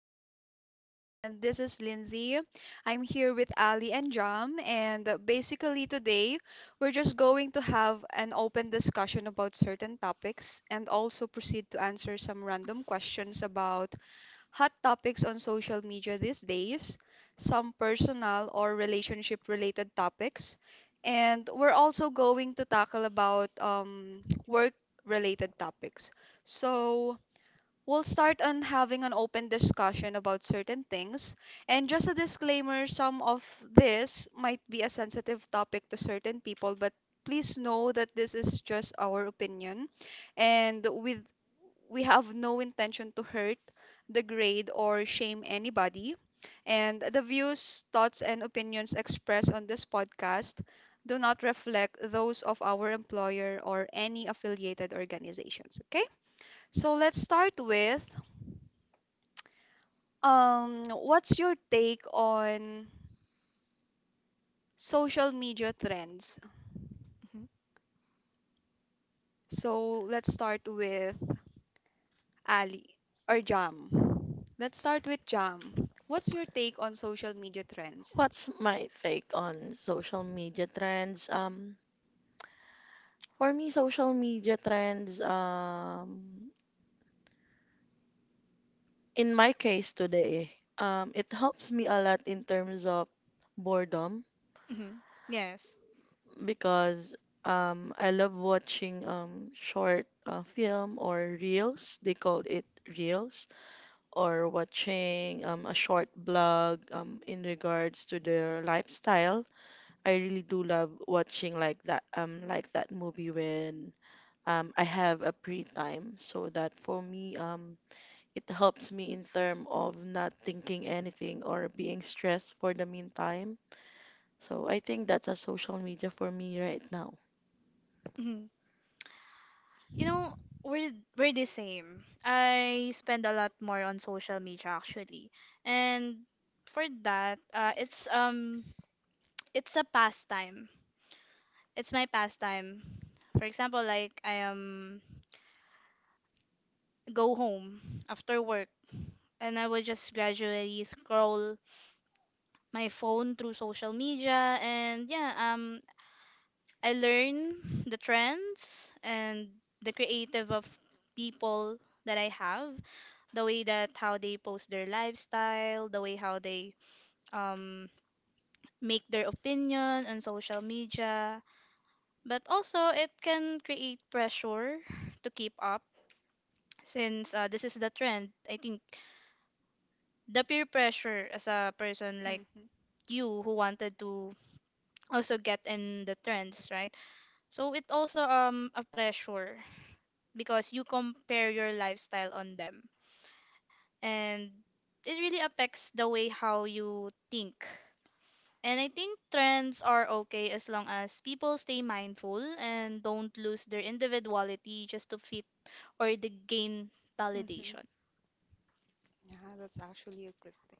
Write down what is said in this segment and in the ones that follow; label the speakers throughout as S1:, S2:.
S1: podcast, and this is Lindsay. I'm here with Ali and Jam, and basically today we're just going to have an open discussion about certain topics and also proceed to answer some random questions about hot topics on social media these days, some personal or relationship related topics, and we're also going to tackle about work related topics. So, we'll start on having an open discussion about certain things. And just a disclaimer, some of this might be a sensitive topic to certain people, but please know that this is just our opinion and with we have no intention to hurt, degrade or shame anybody. And the views, thoughts and opinions expressed on this podcast do not reflect those of our employer or any affiliated organizations, okay? So let's start with what's your take on social media trends?
S2: Mhm.
S1: So let's start with Ali or Jam. Let's start with Jam. What's your take on social media trends?
S3: What's my take on social media trends? For me, social media trends, in my case today, it helps me a lot in terms of boredom
S2: Mhm. Yes.
S3: because I love watching short film or reels. They call it reels, or watching a short blog in regards to their lifestyle. I really do love watching like that movie when I have a free time so that for me, it helps me in term of not thinking anything or being stressed for the meantime. So I think that's a social media for me right now.
S2: Mhm. You know, we're the same. I spend a lot more on social media actually. And for that, it's it's a pastime. It's my pastime. For example, like I am go home after work, and I will just gradually scroll my phone through social media. And yeah, I learn the trends and the creative of people that I have, the way that how they post their lifestyle, the way how they um, make their opinion on social media. But also, it can create pressure to keep up since this is the trend. I think the peer pressure as a person like
S1: Mm-hmm.
S2: you, who wanted to also get in the trends, right? So it also a pressure because you compare your lifestyle on them. And it really affects the way how you think. And I think trends are okay as long as people stay mindful and don't lose their individuality just to fit or to gain
S1: Mm-hmm.
S2: validation.
S1: Yeah, that's actually a good thing.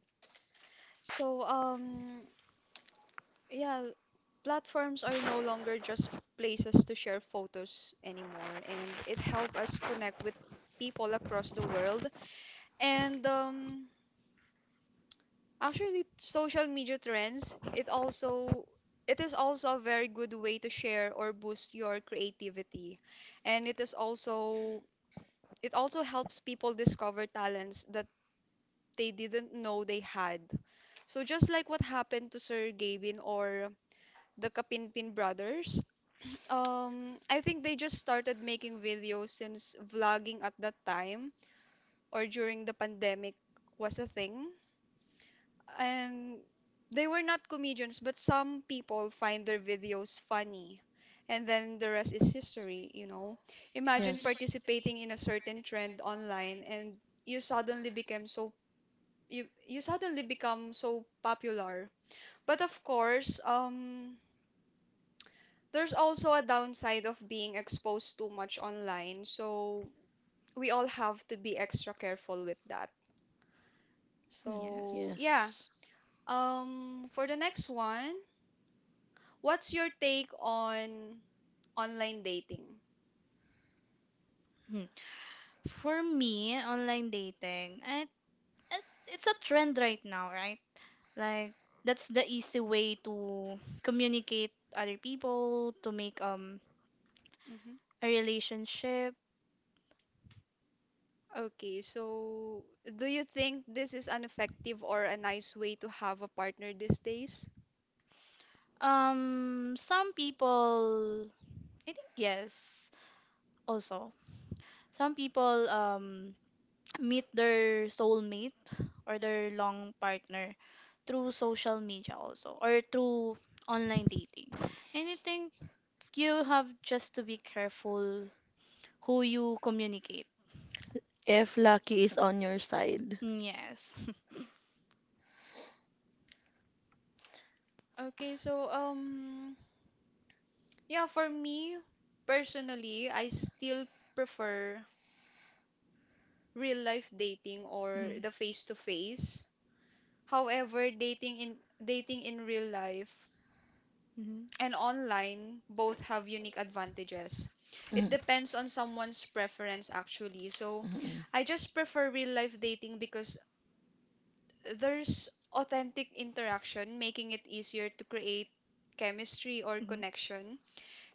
S1: So, yeah, platforms are no longer just places to share photos anymore and it helped us connect with people across the world and actually social media trends it is also a very good way to share or boost your creativity and it also helps people discover talents that they didn't know they had, so just like what happened to Sir Gavin or the Kapinpin brothers. I think they just started making videos since vlogging at that time or during the pandemic was a thing. And they were not comedians, but some people find their videos funny. And then the rest is history. Imagine
S3: Yes.
S1: participating in a certain trend online and you suddenly became so you suddenly become so popular. But of course, there's also a downside of being exposed too much online. So we all have to be extra careful with that. So
S2: Yes.
S1: yeah.
S3: Yes.
S1: For the next one, what's your take on online dating?
S2: Hmm. For me, online dating, it's a trend right now, right? Like that's the easy way to communicate other people, to make
S1: Hmm.
S2: a relationship.
S1: Okay, so do you think this is an effective or a nice way to have a partner these days?
S2: Some people, I think, yes, also. Some people meet their soulmate or their long partner through social media also, or through online dating. And I think you have just to be careful who you communicate.
S3: If lucky is on your side.
S2: Mm. Yes.
S1: Okay, so yeah, for me personally, I still prefer real life dating or
S2: Mhm.
S1: the face to face. However, dating in real life
S2: Mhm.
S1: and online both have unique advantages. It
S3: Mhm.
S1: depends on someone's preference actually. So,
S3: Mhm.
S1: I just prefer real life dating because there's authentic interaction, making it easier to create chemistry or
S2: Mhm.
S1: connection.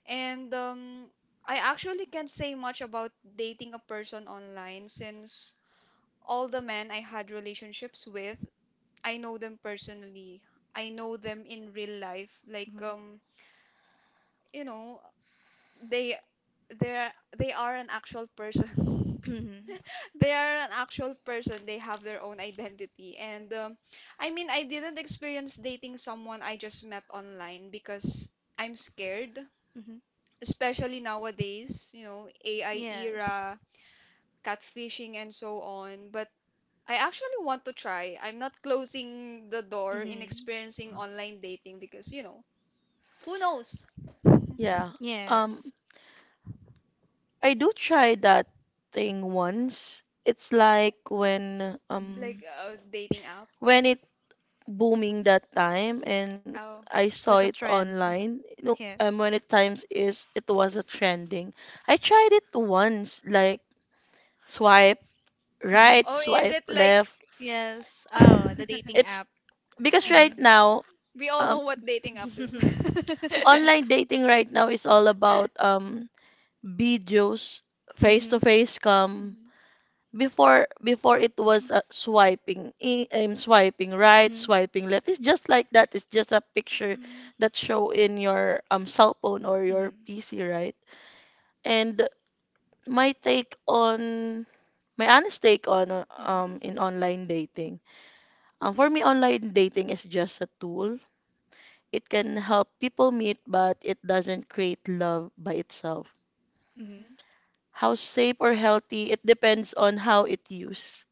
S1: And I actually can't say much about dating a person online since all the men I had relationships with I know them personally. I know them in real life. Like you know, they they're they are an actual person.
S2: Mhm.
S1: They are an actual person. They have their own identity. And I mean, I didn't experience dating someone I just met online because I'm scared,
S2: Hmm.
S1: especially nowadays, you know, AI
S2: Yes.
S1: era, catfishing and so on. But I actually want to try. I'm not closing the door in experiencing
S2: Hmm.
S1: online dating because, you know, who knows?
S3: Yeah. Um,
S2: Yes.
S3: I do try that thing once. It's like
S2: Mhm.
S1: Like dating app.
S3: when it booming that time and
S1: Oh.
S3: I
S2: It
S3: saw
S2: was a
S3: it
S2: trend.
S3: online. You know,
S2: Yes.
S3: when it times is it was a trending. I tried it once, like swipe
S2: Hmm.
S3: right,
S1: Oh, is
S3: swipe
S1: it like
S3: left.
S2: Yes. Oh, the dating
S3: It's
S2: app.
S3: because
S2: Hmm.
S3: right now
S1: we all know
S3: um
S1: what dating app is.
S3: online dating right now is all about videos, face to
S2: Hmm.
S3: face come Before it was swiping swiping right, swiping left. It's just like that. It's just a picture
S2: Hmm.
S3: that show in your cell phone or your
S2: Mhm.
S3: PC, right? And my take on my honest take on
S2: Mhm.
S3: in online dating. For me, online dating is just a tool. It can help people meet, but it doesn't create love by itself.
S2: Mhm.
S1: Mhm,
S3: How safe or healthy, it depends on how it used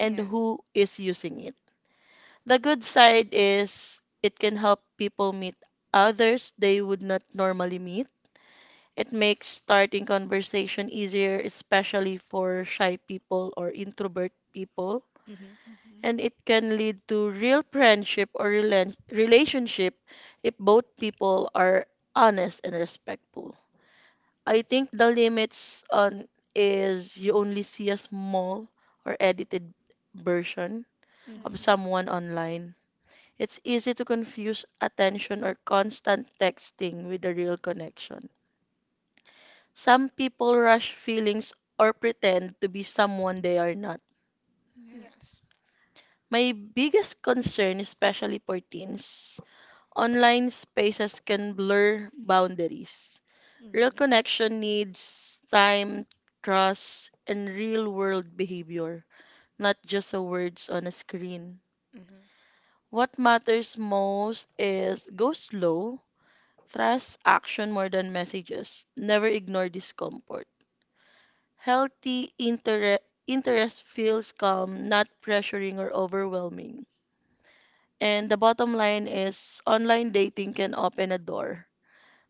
S3: and
S2: Yes.
S3: who is using it. The good side is it can help people meet others they would not normally meet. It makes starting conversation easier, especially for shy people or introvert people.
S2: Mm-hmm.
S1: mhm, mhm,
S3: And it
S1: mhm.
S3: can lead to real friendship or relationship if both people are honest and respectful. I think the limits on is you only see a small or edited version of
S2: Mhm.
S3: someone online. It's easy to confuse attention or constant texting with a real connection. Some people rush feelings or pretend to be someone they are not.
S2: Yes.
S1: Yes.
S3: My biggest concern, especially for teens, online spaces can blur boundaries. Real
S2: Mhm.
S3: connection needs time, trust, and real world behavior, not just the words on a screen.
S2: Mhm.
S3: What matters most is go slow. Trust action more than messages. Never ignore discomfort. Healthy interest feels calm, not pressuring or overwhelming. And the bottom line is online dating can open a door,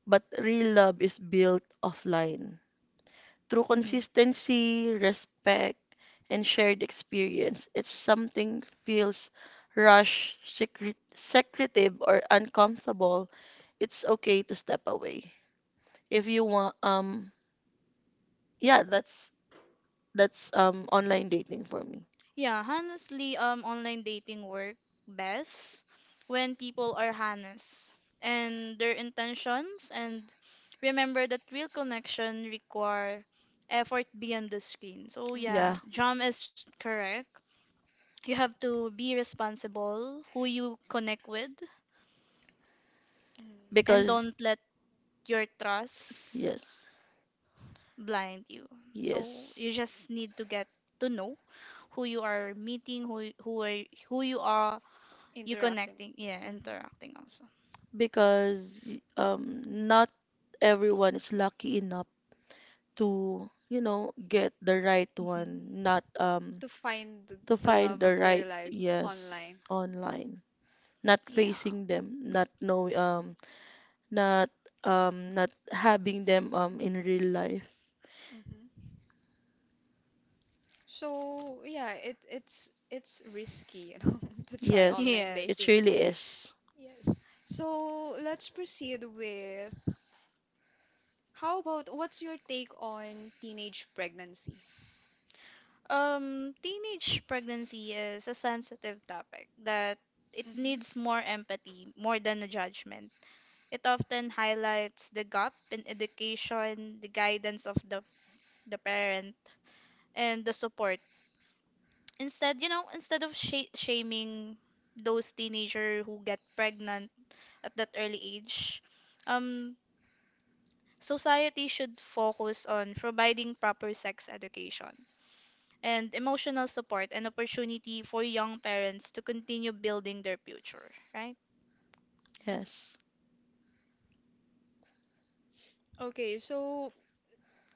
S3: but real love is built offline. Through
S2: Mhm.
S3: consistency, respect, and shared experience, it's something feels rushed, secretive, or uncomfortable. It's okay to step away if you want yeah that's online dating for me.
S2: Yeah, honestly, online dating work best when people are honest and their intentions, and remember that real connection require effort beyond the screen. So
S1: Mhm.
S2: yeah,
S3: Yeah,
S2: Jam is correct. You have to be responsible who you connect with,
S1: Mm.
S2: and
S3: because
S2: don't let your trust
S3: yes,
S2: blind you. So
S3: yes,
S2: you just need to get to know who you are meeting, who you are you
S1: Interacting.
S2: connecting, yeah,
S1: Hmm.
S2: interacting also.
S3: because not everyone is lucky enough to, you know, get the right one,
S2: Hmm.
S3: not
S1: To find
S3: to
S1: the love
S3: find the
S1: of their
S3: right,
S1: life
S3: yes,
S1: online.
S3: online, not
S2: Yeah.
S3: facing them, not know not not having them in real life.
S1: Hmm. So yeah, it's risky, you know, to try
S3: Yes,
S1: online
S3: it
S2: Yes.
S1: dating.
S3: really is.
S1: Yes. So let's proceed with how about what's your take on teenage pregnancy?
S2: Teenage pregnancy is a sensitive topic that it
S1: Hmm.
S2: needs more empathy more than a judgment. It often highlights the gap in education, the guidance of the parent, and the support. Instead, instead of shaming those teenager who get pregnant at that early age, um, society should focus on providing proper sex education and emotional support and opportunity for young parents to continue building their future, right?
S1: Mm.
S3: Yes.
S1: Okay, so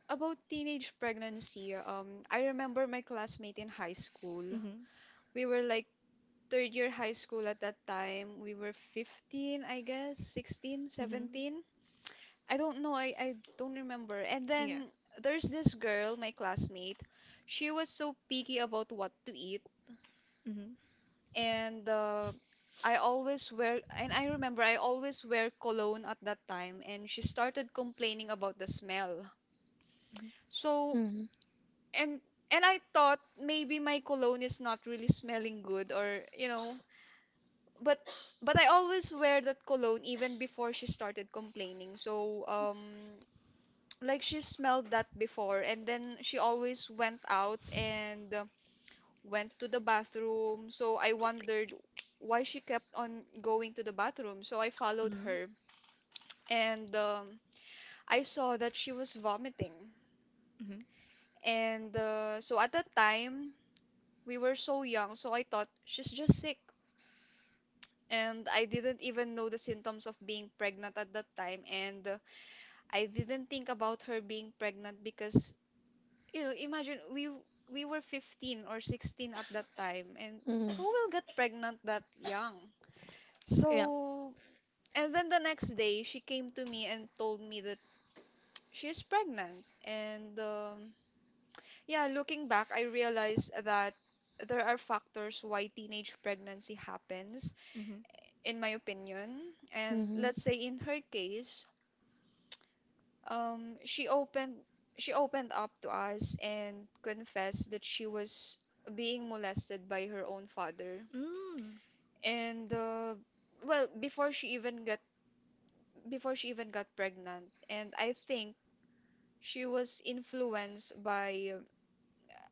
S1: about teenage pregnancy, I remember my classmate in high school.
S2: Mm-hmm.
S1: We were like third year high school at that time. We were 15, I guess, 16,
S2: Mm-hmm.
S1: 17. I don't know, I don't remember. And
S2: Yeah.
S1: then there's this girl, my classmate. She was so picky about what to eat.
S2: Mm-hmm.
S1: And I remember I always wear cologne at that time. And she started complaining about the smell.
S2: Mm-hmm.
S1: So
S3: Mhm,
S1: and and I thought maybe my cologne is not really smelling good or you know, but but I always wear that cologne even before she started complaining, so like she smelled that before, and then she always went out and went to the bathroom, so I wondered why she kept on going to the bathroom, so I followed her and I saw that she was vomiting
S2: Mm-hmm.
S1: and so at that time we were so young, so I thought she's just sick. And I didn't even know the symptoms of being pregnant at that time. And I didn't think about her being pregnant because, you know, imagine we were 15 or 16 at that time. And
S3: mhm,
S1: who will get pregnant that young?
S2: Yeah.
S1: So, and then the next day, she came to me and told me that she is pregnant. And yeah, looking back, I realized that there are factors why teenage pregnancy happens,
S2: Mm-hmm. Mm.
S1: in my opinion. And
S3: mhm.
S1: let's say in her case, um, she opened she opened up to us and confessed that she was being molested by her own father. And well, before she even got pregnant, and I think she was influenced by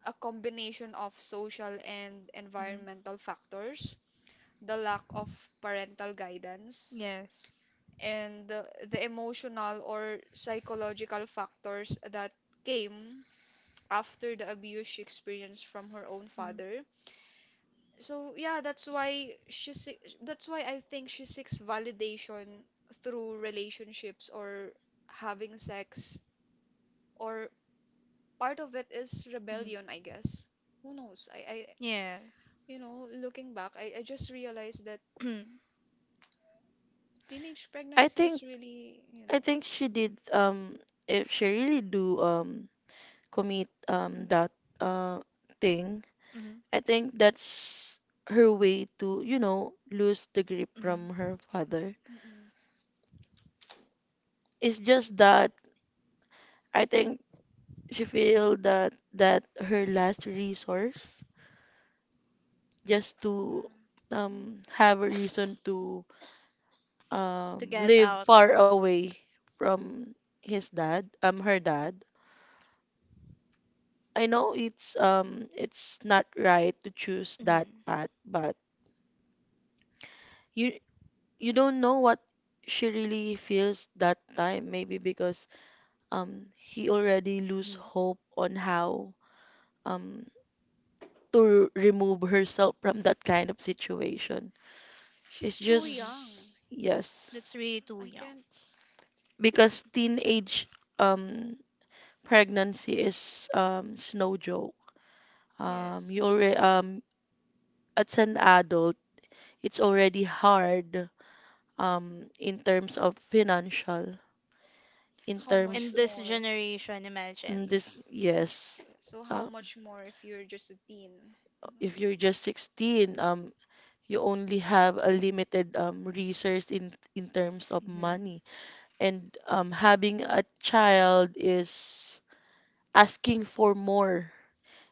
S1: a combination of social and
S2: Mm-hmm.
S1: environmental factors, the lack of parental guidance,
S2: Yes.
S1: and the emotional or psychological factors that came after the abuse she experienced from her own
S2: Mm-hmm.
S1: father. So yeah, that's why I think she seeks validation through relationships or having sex or part of it is
S2: Mm-hmm.
S1: rebellion, I guess. Who knows? I
S2: Yeah.
S1: you know, looking back, I just realized that
S2: Hmm.
S1: teenage
S3: I
S1: pregnancy
S3: think
S1: is really, you
S3: I
S1: know,
S3: think she did if she really do commit that uh thing,
S2: Hmm.
S3: I think that's her way to, you know, lose the grip from her father.
S1: Mm-mm.
S3: It's just that I think she feel that that her last resource just to
S1: Mm.
S3: have a reason to
S2: To get
S3: live
S2: out.
S3: far away from his dad, her dad. I know it's not right to choose that
S2: Hmm.
S3: path, but you you don't know what she really feels that time. Maybe because he already lose
S2: Hmm.
S3: hope on how um to remove herself from that kind of situation. It's
S1: She's too
S2: Hmm.
S3: just
S1: young.
S2: That's
S3: yes,
S2: really too
S1: I
S2: young.
S1: can't.
S3: because teenage um pregnancy is it's no joke. You
S1: Yes.
S3: already as an adult, it's already hard in terms of financial, in
S1: How
S2: In
S3: terms
S1: much
S2: this
S1: more?
S2: generation,
S3: in
S2: imagine.
S3: this yes.
S1: Yeah, so
S3: Uh,
S1: how much more if you're just a teen? You.
S3: if you're just 16, you only have a limited resource in terms of
S2: Hmm.
S3: money, and having a child is asking for more,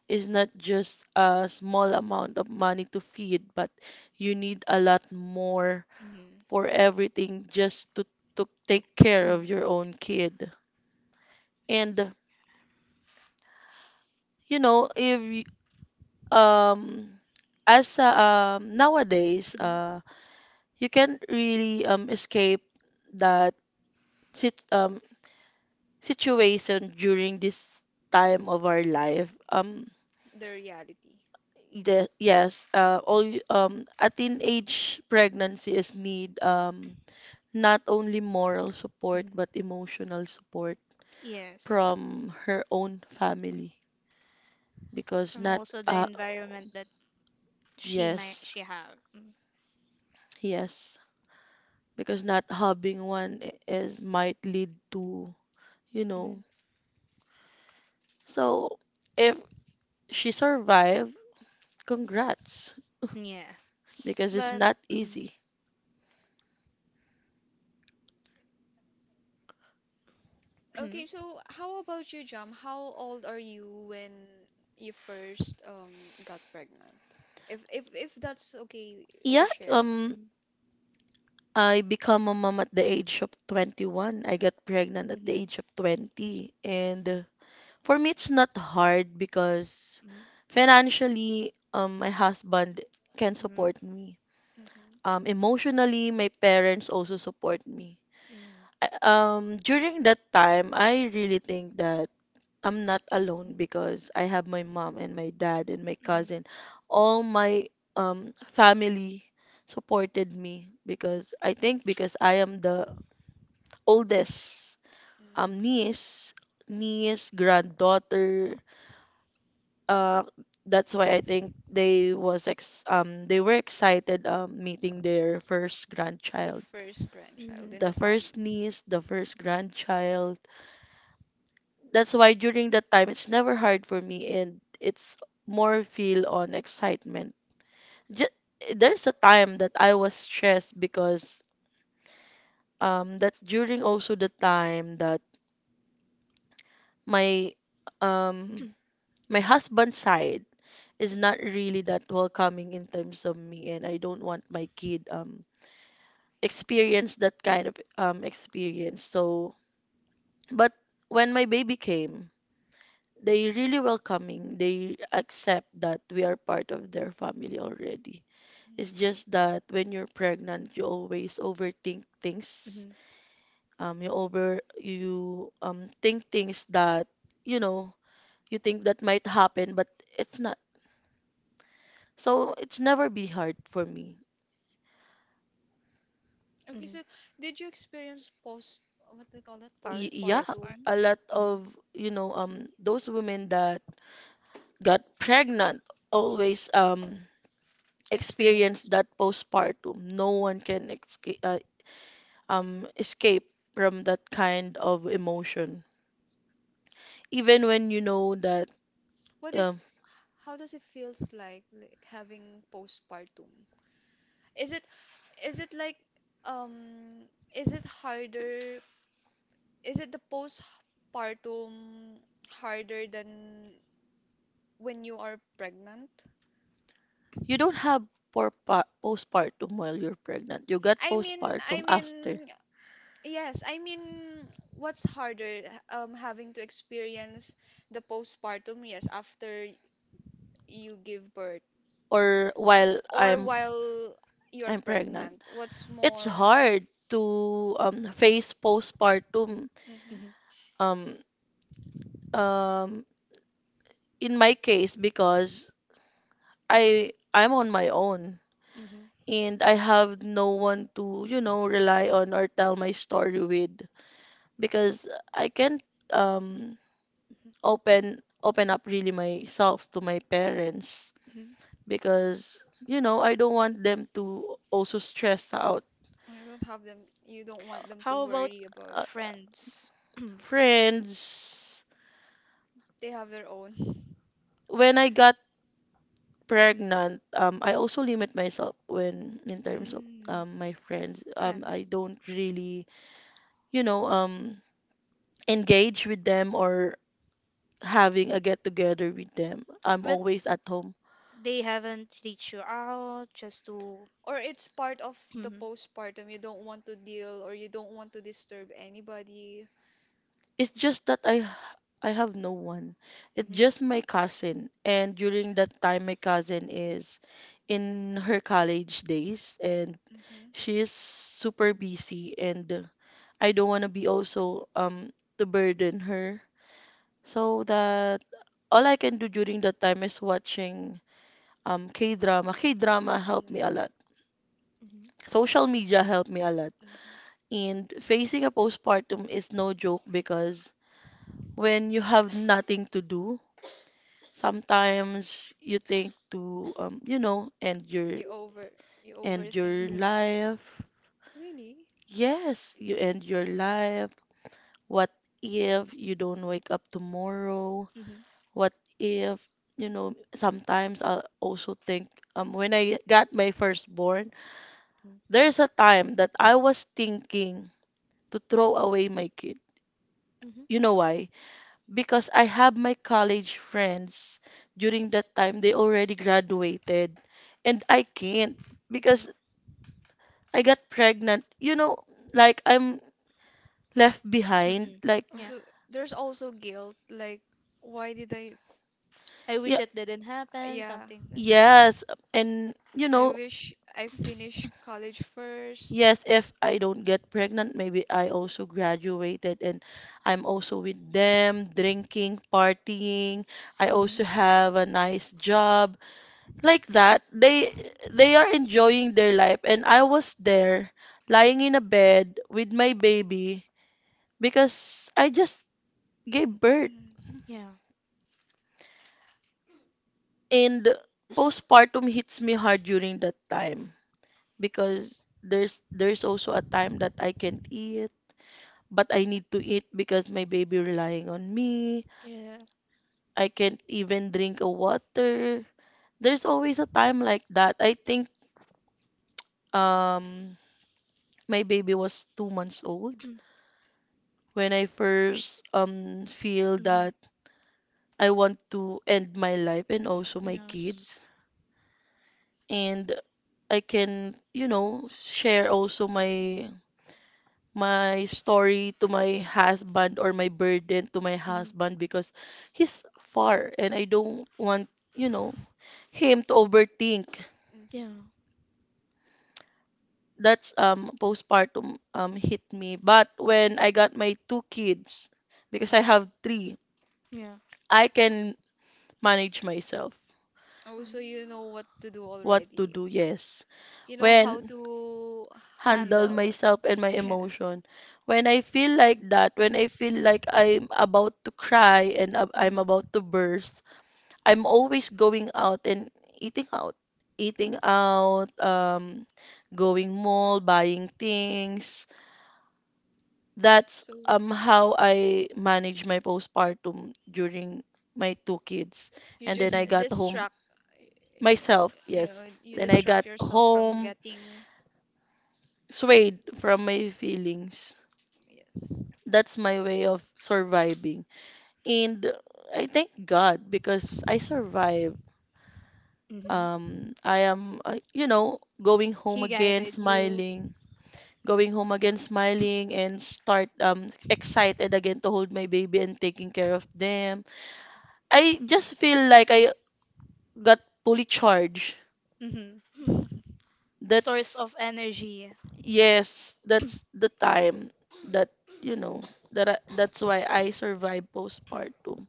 S3: is not just a small amount of money to feed, but you need a lot more
S2: Hmm.
S3: for everything just to take care
S2: Hmm.
S3: of your own kid. And you know, if y- um as nowadays you can not really escape that sit um situation during this time of our life.
S1: The reality.
S3: The, yes, all a teenage pregnancy is need not only moral support
S2: Hmm.
S3: but emotional support
S1: Mm.
S2: Yes.
S3: from her own family because
S2: And
S3: not
S2: also the environment that she might
S3: yes,
S2: she have. Mm.
S3: yes, because not having one is might lead to, you
S2: Mhm.
S3: know, so if she survived, congrats,
S2: Yeah.
S3: because it's
S2: But
S3: not
S2: mhm.
S3: easy.
S2: Mhm.
S1: Okay, so how about you, Jam? How old are you when you first got pregnant? If that's okay to
S3: Yeah.
S1: share.
S3: I become a mom at the age of 21. I got pregnant at the
S2: Mhm.
S3: age of 20. And for me, it's not hard because financially, my husband can
S2: Mhm.
S3: support me.
S1: Mm-hmm.
S3: Emotionally, my parents also support me.
S2: Mhm. Mhm.
S3: During that time, I really think that I'm not alone because I have my mom and my dad and my
S2: Mhm.
S3: cousin. All my family supported me because I think because I am the oldest um,
S1: Mm-hmm.
S3: niece, niece, granddaughter, uh that's why I think they was ex they were excited meeting their first
S1: The
S3: grandchild.
S1: first
S2: Mhm.
S1: grandchild
S2: Mhm.
S1: in
S3: The
S1: the
S3: first
S1: family.
S3: niece, the first grandchild. That's why during that time it's never hard for me and it's more feel on excitement. Just, there's a time that I was stressed because that's during also the time that my um my husband's side is not really that welcoming in terms of me and I don't want my kid experience that kind of experience. So, but when my baby came, they really welcoming. They accept that we are part of their family already. It's
S1: Mm.
S3: just that when you're pregnant, you always overthink things.
S2: Mm-hmm.
S3: You over you think things that you know you think that might happen, but it's not. So it's never be hard for me.
S1: Okay,
S2: Mm-hmm.
S1: so did you experience what they call that,
S3: Yeah,
S1: postpartum
S2: Postpartum.
S3: a lot
S2: Mm-hmm.
S3: of you know those women that got pregnant always experienced
S1: experience?
S3: that
S1: Mhm.
S3: postpartum. No one can escape escape from that kind of emotion. Even when you know that
S1: What is,
S3: um
S1: how does it feels like having postpartum? Is it, is it like, um, is it harder? Is it the postpartum harder than when you are pregnant?
S3: you don't have postpartum while you're pregnant. You got
S1: I mean,
S3: postpartum
S1: I
S3: after
S1: mean, yes, I mean, what's harder, having to experience the postpartum, yes, after you give birth,
S3: or while
S1: or while you're
S3: I'm pregnant.
S1: pregnant? What's
S3: It's
S1: more?
S3: hard to face postpartum
S2: Mm-hmm.
S3: um um in my case because I'm on my own
S2: Mm-hmm.
S3: and I have no one to, you know, rely on or tell my story with because I can't um
S2: Mm-hmm.
S3: open up really myself to my parents
S2: Mm-hmm.
S3: because you know, I don't want them to also stress out.
S1: You don't have them, you don't want them to
S2: How about
S1: worry about.
S3: uh,
S2: friends? mm,
S3: friends.
S1: They have their own.
S3: When I got pregnant, I also limit myself when in terms of my friends.
S2: Friends.
S3: I don't really, you know, engage with them or having a get together with them. I'm
S2: But
S3: always at home.
S2: they haven't reached you out just to.
S1: Or it's part of the
S2: Mm-hmm.
S1: postpartum. You don't want to deal or you don't want to disturb anybody.
S3: It's just that I have no one. It's
S2: Mm-hmm.
S3: just my cousin. And during that time my cousin is in her college days and
S1: Mm-hmm.
S3: she is super busy and I don't want to be also to burden her. So that all I can do during that time is watching K-drama. K-drama helped me a lot.
S2: Mm-hmm.
S3: Social media helped me a lot.
S1: Mm-hmm.
S3: And facing a postpartum is no joke because when you have nothing to do, sometimes you think to you know,
S1: You over, you
S3: end
S1: overthink
S3: your
S1: too
S2: Mhm.
S1: much.
S3: life.
S1: Really?
S3: Yes, you end your life. What if you don't wake up tomorrow?
S2: Mhm.
S3: What if, you know, sometimes I also think when I got my firstborn,
S2: Mhm.
S3: there's a time that I was thinking to throw away my kid.
S2: Mhm.
S3: You know why? Because I have my college friends during that time they already graduated and I can't because I got pregnant. You know, like I'm left behind.
S2: Mhm.
S3: Like
S2: Yeah.
S1: Also, there's also guilt. Like, why did I?
S2: I wish
S3: yeah,
S2: it didn't happen,
S1: Yeah,
S2: something that.
S3: yes, and you
S1: I
S3: know,
S1: wish I finished college first.
S3: yes, if I don't get pregnant, maybe I also graduated and I'm also with them drinking, partying. I
S2: Mhm.
S3: also
S1: Mm-hmm.
S3: have a nice job like that,
S1: Mm-hmm.
S3: they are enjoying their life and I was there lying in a bed with my baby because I just gave birth
S1: Mm.
S2: Yeah.
S3: and postpartum hits me hard during that time because there's also a time that I can't eat but I need to
S2: Mhm.
S3: eat because my baby relying on me.
S2: Yeah.
S3: I can't even drink a water. There's always a time like that I think um my baby was 2 months old when I first feel
S2: Mhm.
S3: that I want to end my life and also my
S2: Yes.
S3: kids. And I can, you know, share also my story to my husband or my burden to my
S2: Mhm.
S3: husband because he's far and I don't want, you know, him to overthink.
S2: Yeah.
S1: Mhm,
S3: That's postpartum hit me. But when I got my two kids, because I
S1: mhm.
S3: have three,
S2: Yeah.
S3: I can manage myself.
S1: Oh, so you
S2: Mm.
S1: know what to do
S3: What to
S1: already.
S3: do, yes.
S1: You know how
S3: When
S1: to, how do you
S3: handle
S1: call
S2: Handle.
S1: that?
S3: myself and my
S1: Yes.
S3: emotion. When I feel like that, when I feel like I'm about to cry and I'm
S2: Mhm.
S3: about to burst, I'm always going out and eating out. Eating out, going mall, buying things. That's
S1: So
S3: how I manage my postpartum during my two kids.
S1: you
S3: And then
S1: just
S3: I
S2: Mhm.
S3: got home
S1: distract, you know,
S3: myself,
S1: you
S3: yes.
S1: know, you
S3: Then I got
S1: distract yourself from
S3: home
S1: getting,
S3: swayed from my feelings.
S1: yes.
S3: That's my way of surviving. And I thank God because I survived.
S2: Mhm.
S3: I am going home
S2: He
S3: again,
S2: guided you.
S3: smiling, and start excited again to hold my baby and taking care of them. I just feel like I got fully charged.
S2: Hmm. Source
S3: That's
S2: of energy.
S3: yes, that's the time that you know that's why I survived
S2: Mhm.
S3: postpartum.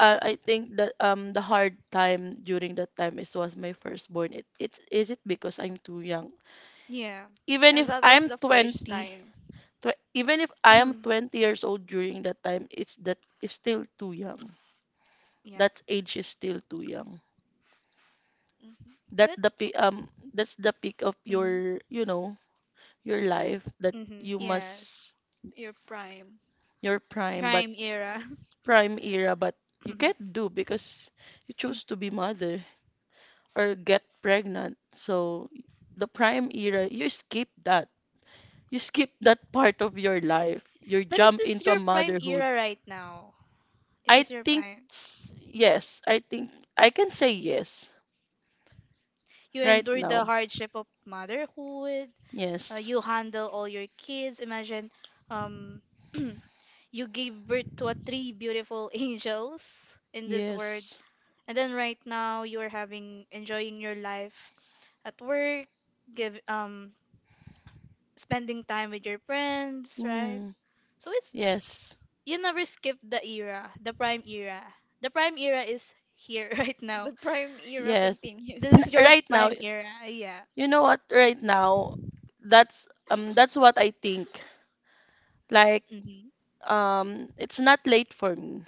S3: I think that the hard time during that time is was my firstborn. It it's is it because I'm too young.
S2: Yeah.
S3: Even
S1: And
S3: if
S1: that was
S3: I'm
S1: the first
S3: 20,
S1: time.
S3: tw even if I am 20 years old during that time, it's that is still too young.
S2: Yeah.
S3: That age is still too young.
S1: Hmm.
S3: That
S2: But,
S3: the pe-
S2: yeah.
S3: um that's the peak of
S2: Mm-hmm.
S3: your, you know, your life that
S2: Mm-hmm.
S3: you must
S2: Yes.
S1: Your prime.
S3: your prime but
S2: Prime era.
S1: Yes.
S3: prime era, but you
S2: Mhm.
S3: can't do because you choose to be mother or get pregnant. So the prime era, you skip that. You skip that part of your life. You
S2: But it
S3: jump
S2: is
S3: into a
S2: your prime
S3: motherhood.
S2: era right now. It
S3: I
S2: is your
S3: think
S2: prime.
S3: s- yes, I think I can say yes
S2: You
S3: right
S2: endure
S3: now.
S2: the hardship of motherhood.
S3: Yes.
S2: You handle all your kids. Imagine, um, you gave birth to a three beautiful angels in this world.
S3: Yes.
S2: And then right now you are having enjoying your life at work, give spending time with your friends, right?
S3: Mm.
S2: So it's
S3: Yes.
S2: you never skip the era,
S1: The
S2: the prime era. The prime era is here right now.
S1: prime era. Right. Yes,
S3: Yes.
S1: continues.
S2: This is your
S3: Right now,
S2: prime era. Yeah.
S3: you know what? Right now, that's what I think. Like
S2: Hmm.
S3: it's not late for me.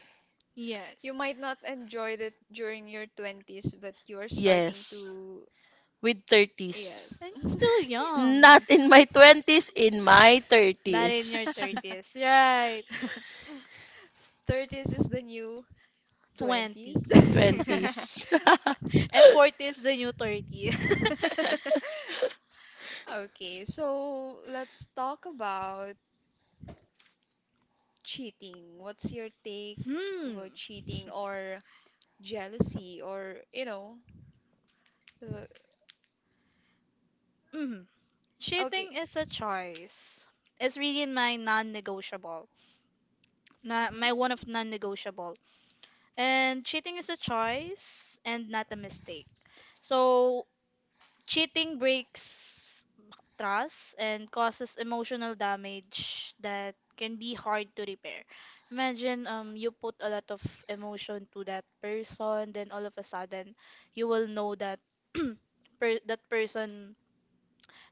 S1: You
S2: Yes.
S1: might not enjoy it during your 20s, but you are starting, yes,
S3: Yes,
S1: to.
S3: with 30s.
S1: Yes.
S2: And you're still young.
S3: Not in my 20s, in my
S2: But in your
S3: 30s.
S2: 30s, right?
S1: 30s is the new
S2: 20.
S1: 20s.
S3: 20s.
S2: And 40 is the new 30.
S1: Okay, so let's talk about cheating. What's your take, mm,
S2: Hmm.
S1: about cheating or jealousy or, you know, uh,
S2: Mm.
S1: okay.
S2: Cheating is a choice. It's really my non-negotiable. Na,
S1: Mhm.
S2: my one of non-negotiable. And cheating is a choice and not a mistake. So cheating breaks trust and causes emotional damage that can be hard to repair. Imagine, you put a lot of emotion to that person, then all of a sudden you will know that that person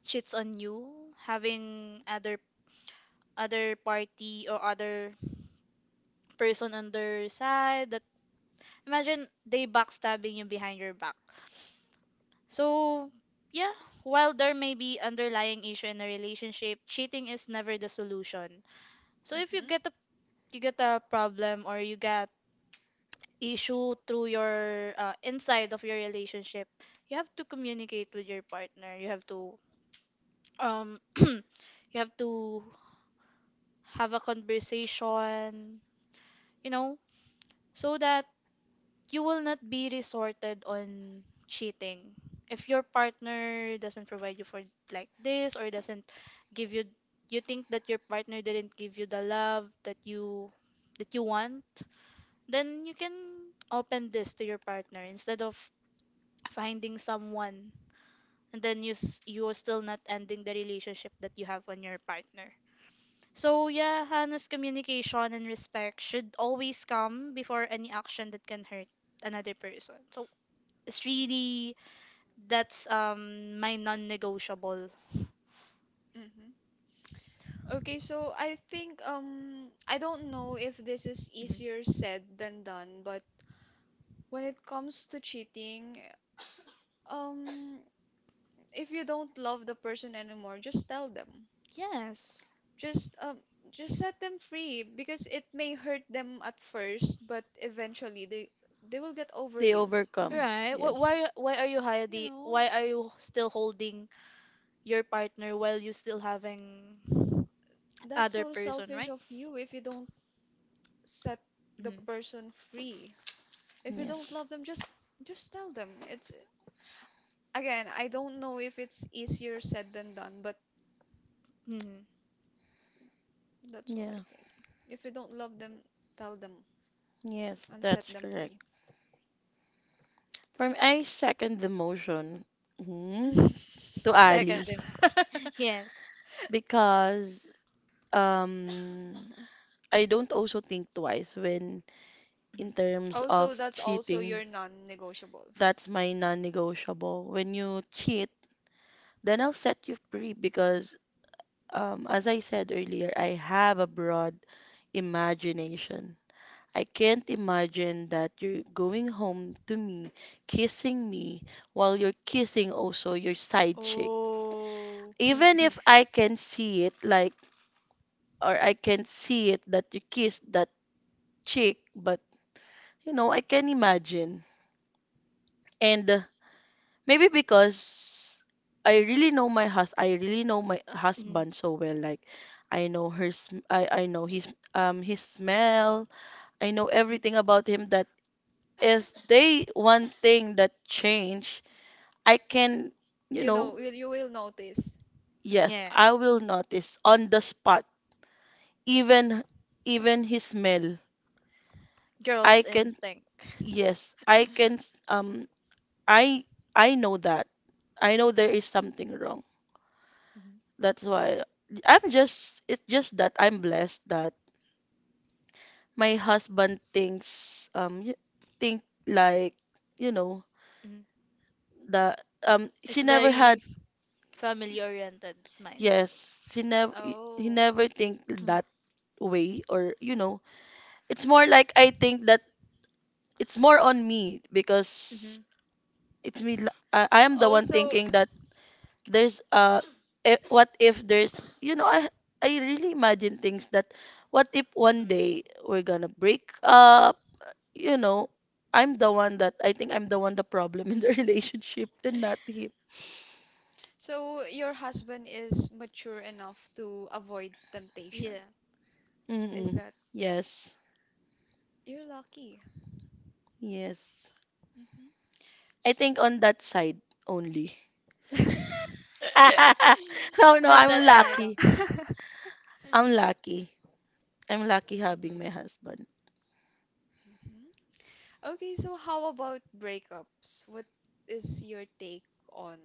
S2: cheats on you, having other party or other person on their side. That imagine they backstabbing you behind your back. So, yeah, while there may be underlying issue in a relationship, cheating is never the solution. So if you
S1: Mhm.
S2: get a you get a problem, or you get issue through your inside of your relationship, you have to communicate with your partner. You have to you have to Have a conversation, you know, so that you will not be resorted on cheating if your partner doesn't provide you for like this, or doesn't give you. You think that your partner didn't give you the love that you want, then you can open this to your partner instead of finding someone, and then you're still not ending the relationship that you have on your partner. So yeah, honest communication and respect should always come before any action that can hurt another person. So it's really that's my non-negotiable.
S1: Mhm. Okay, so I think I don't know if this is
S2: Mhm.
S1: easier said than done, but when it comes to cheating, um if you don't love the person anymore, just tell them.
S2: Yes.
S1: Just um just set them free because it may hurt them at first, but eventually they will get over
S3: They
S1: you.
S3: overcome.
S2: Right. Wh-
S3: Yes.
S2: Why why are you
S1: You
S2: hiding?
S1: know,
S2: Why are you still holding your partner while you still having
S1: that's
S2: other
S1: so
S2: person,
S1: selfish
S2: right?
S1: of you if you don't set the
S2: Mm-hmm.
S1: person free. If you don't
S3: Yes.
S1: love them, just tell them. It's, again, I don't know if it's easier said than done, but
S2: Mm-hmm.
S1: that's what I
S3: Yeah.
S1: think. If you don't love them, tell them
S3: Yes,
S1: and set
S3: that's
S1: them
S3: correct.
S1: free.
S3: From I second the motion, mhm, to
S2: Second
S3: Ali
S2: thing. Yes.
S3: because um I don't also think twice when
S2: Mm-hmm.
S3: in terms
S1: Oh, so
S3: of
S1: that's also
S3: cheating.
S1: your non-negotiable.
S3: That's my non-negotiable. When you cheat, then I'll set you free because as I said earlier, I have a broad imagination. I can't imagine that you're going home to me, kissing me, while you're kissing also your side chick.
S1: Oh.
S3: Even if I can see it, like, or I can see it that you kissed that chick, but you know, I can imagine. And maybe because I really know my
S2: Mm-hmm.
S3: husband so well. Like, I know his smell. I know
S2: Hmm.
S3: everything about him. That is they one thing that changed I can, you
S1: You
S3: know,
S1: know, will you will notice.
S3: yes,
S2: Yeah.
S3: I will notice on the spot, even even his smell. I
S2: Girls
S3: can,
S2: instinct.
S3: yes, I can, um, I I know that. I know there is something wrong.
S2: Mhm.
S3: That's why I'm just, it's just that I'm blessed that my husband thinks, think like, you know,
S2: Mhm.
S3: that, she
S2: It's
S3: never
S2: very
S3: had,
S2: family oriented mindset.
S3: yes, she never, he
S1: Oh.
S3: never think
S2: Mhm.
S3: that way or, you know, it's more like I think that it's more on me because
S2: Mhm.
S3: it's me. I am the
S1: Oh,
S3: one
S1: so
S3: thinking that there's what if there's you know I really imagine things that what if one
S2: Mhm.
S3: day we're gonna break up. You know, I'm the one that I think I'm the one the problem in the relationship and not him.
S1: so your husband is mature enough to avoid temptation.
S2: Yeah.
S1: Is
S3: Mm-mm.
S1: that,
S3: Yes,
S1: you're lucky.
S3: yes.
S1: Hmm.
S3: I think on that side only. No, no,
S2: And
S3: I'm
S2: that's night on.
S3: lucky.
S1: Mhm.
S3: I'm lucky. I'm lucky having
S2: Mhm.
S3: my husband.
S1: Okay, so how about breakups? What is your take on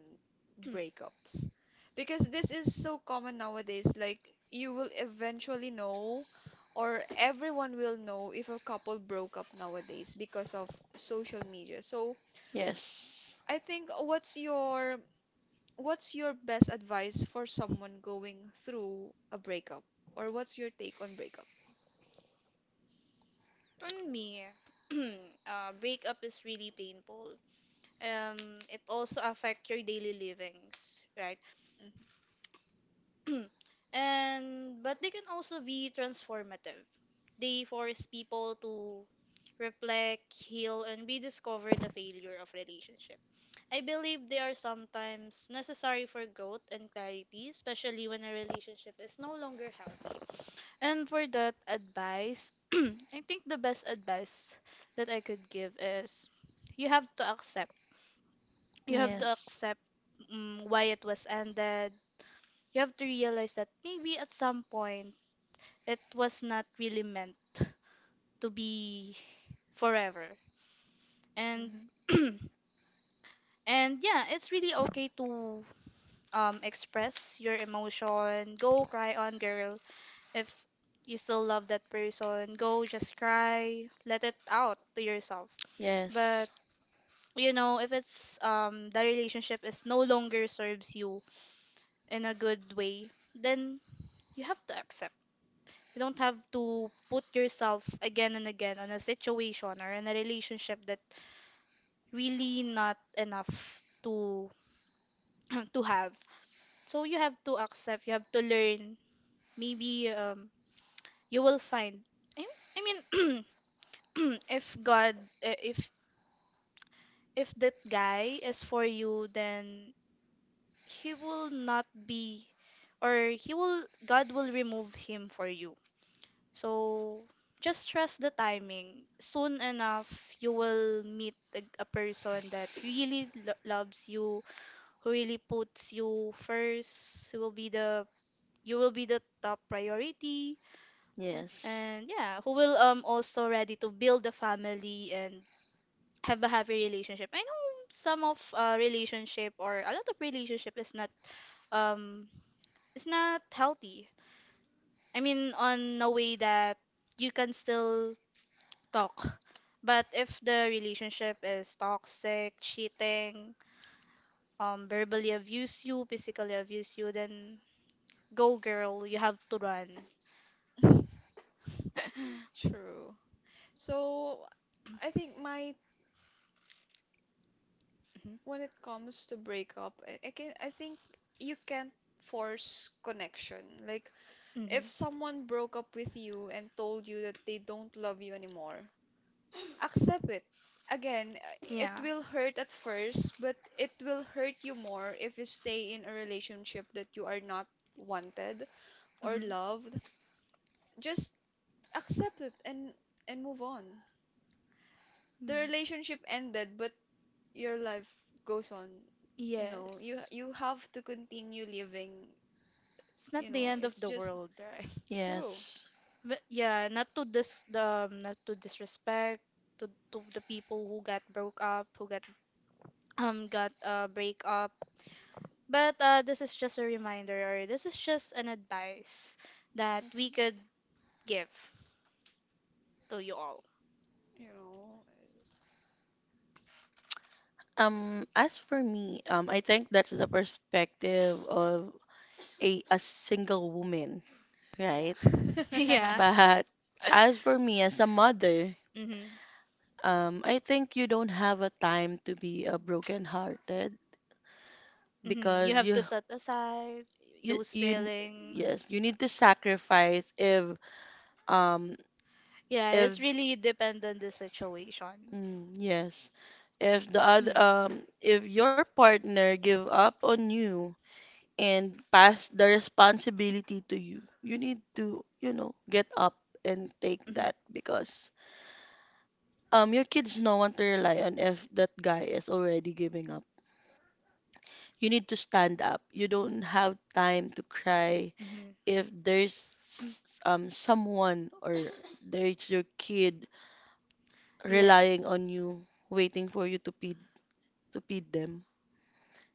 S1: breakups? Because this is so common nowadays, like you will eventually know, or everyone will know if a couple broke up nowadays because of social media. So,
S3: Yes.
S1: I think what's your best advice for someone going through a breakup or what's your take on breakup?
S2: For me, breakup is really painful. Um, it also affects your daily livings, right?
S1: Mm-hmm.
S2: And but they can also be transformative. They force people to reflect, heal, and rediscover the failure of relationship. I believe they are sometimes necessary for growth and clarity, especially when a relationship is no longer healthy. And for that advice, I think the best advice that I could give is you have to accept. You have
S1: Mm-hmm.
S2: to
S3: Yes.
S2: accept why it was ended. You have to realize that maybe at some point it was not really meant to be forever. And
S1: Mm-hmm.
S2: and yeah, it's really okay to express your emotion. Go cry on, girl. If you still love that person, go just cry. Let it out to yourself. But
S3: Yes.
S2: if it's the relationship is no longer serves you in a good way, then you have to accept. You don't have to put yourself again and again on a situation or in a relationship that really not enough to to have. So you have to accept, you have to learn. Maybe you will find. I I mean, if God, if that guy is for you, then he will not be, or he will, God will remove him for you. So just trust the timing. Soon enough, you will meet a person that really loves you, who really puts you first. Who will be the you will be the top priority,
S3: Yes.
S2: and yeah, who will also ready to build a family and have a happy relationship. I know some of relationship, or a lot of relationship is not um it's not healthy. I mean, on a way that you can still talk. But if the relationship is toxic, cheating, verbally abuse you, physically abuse you, then go girl, you have to run.
S1: True. So I think my when it comes to breakup, I think you can't force connection. Like
S2: Mhm.
S1: if
S2: Mhm.
S1: someone broke up with you and told you that they don't love you anymore, accept it. Again, it
S2: Yeah.
S1: will hurt at first, but it will hurt you more if you stay in a relationship that you are not wanted or
S2: Mhm.
S1: loved. Just accept it and move on. The
S2: Mm.
S1: relationship ended, but your life goes on. You know,
S2: Yes.
S1: you have to continue living.
S2: It's not
S1: You know,
S2: the end of
S1: it's
S2: the
S1: just
S2: world, right?
S1: true.
S3: Yes.
S2: But yeah, not to dis the not to disrespect to the people who got broke up, who got break up. But this is just a reminder, or this is just an advice that we
S1: hmm
S2: could give to you all.
S1: You know,
S3: As for me, I think that's the perspective of a single woman, right?
S1: yeah.
S2: Yeah.
S3: But as for me, as a mother,
S2: Mm-hmm.
S3: I think you don't have a time to be a broken-hearted
S2: Mm-hmm. You
S3: because
S2: have to set aside those
S3: you yes,
S2: feelings.
S3: you need to sacrifice if um
S2: Yeah, it's
S3: if
S2: really depend on the situation.
S3: Mm, yes. If if your partner give up on you and pass the responsibility to you, you need to, you know, get up and take
S2: Mhm.
S3: that because your kids no one to rely on if that guy is already giving up. You need to stand up. You don't have time to cry
S2: Mhm. Mhm.
S3: if there's
S2: Mm.
S3: someone or there's your kid relying on
S2: Yes.
S3: you, waiting for you to feed them.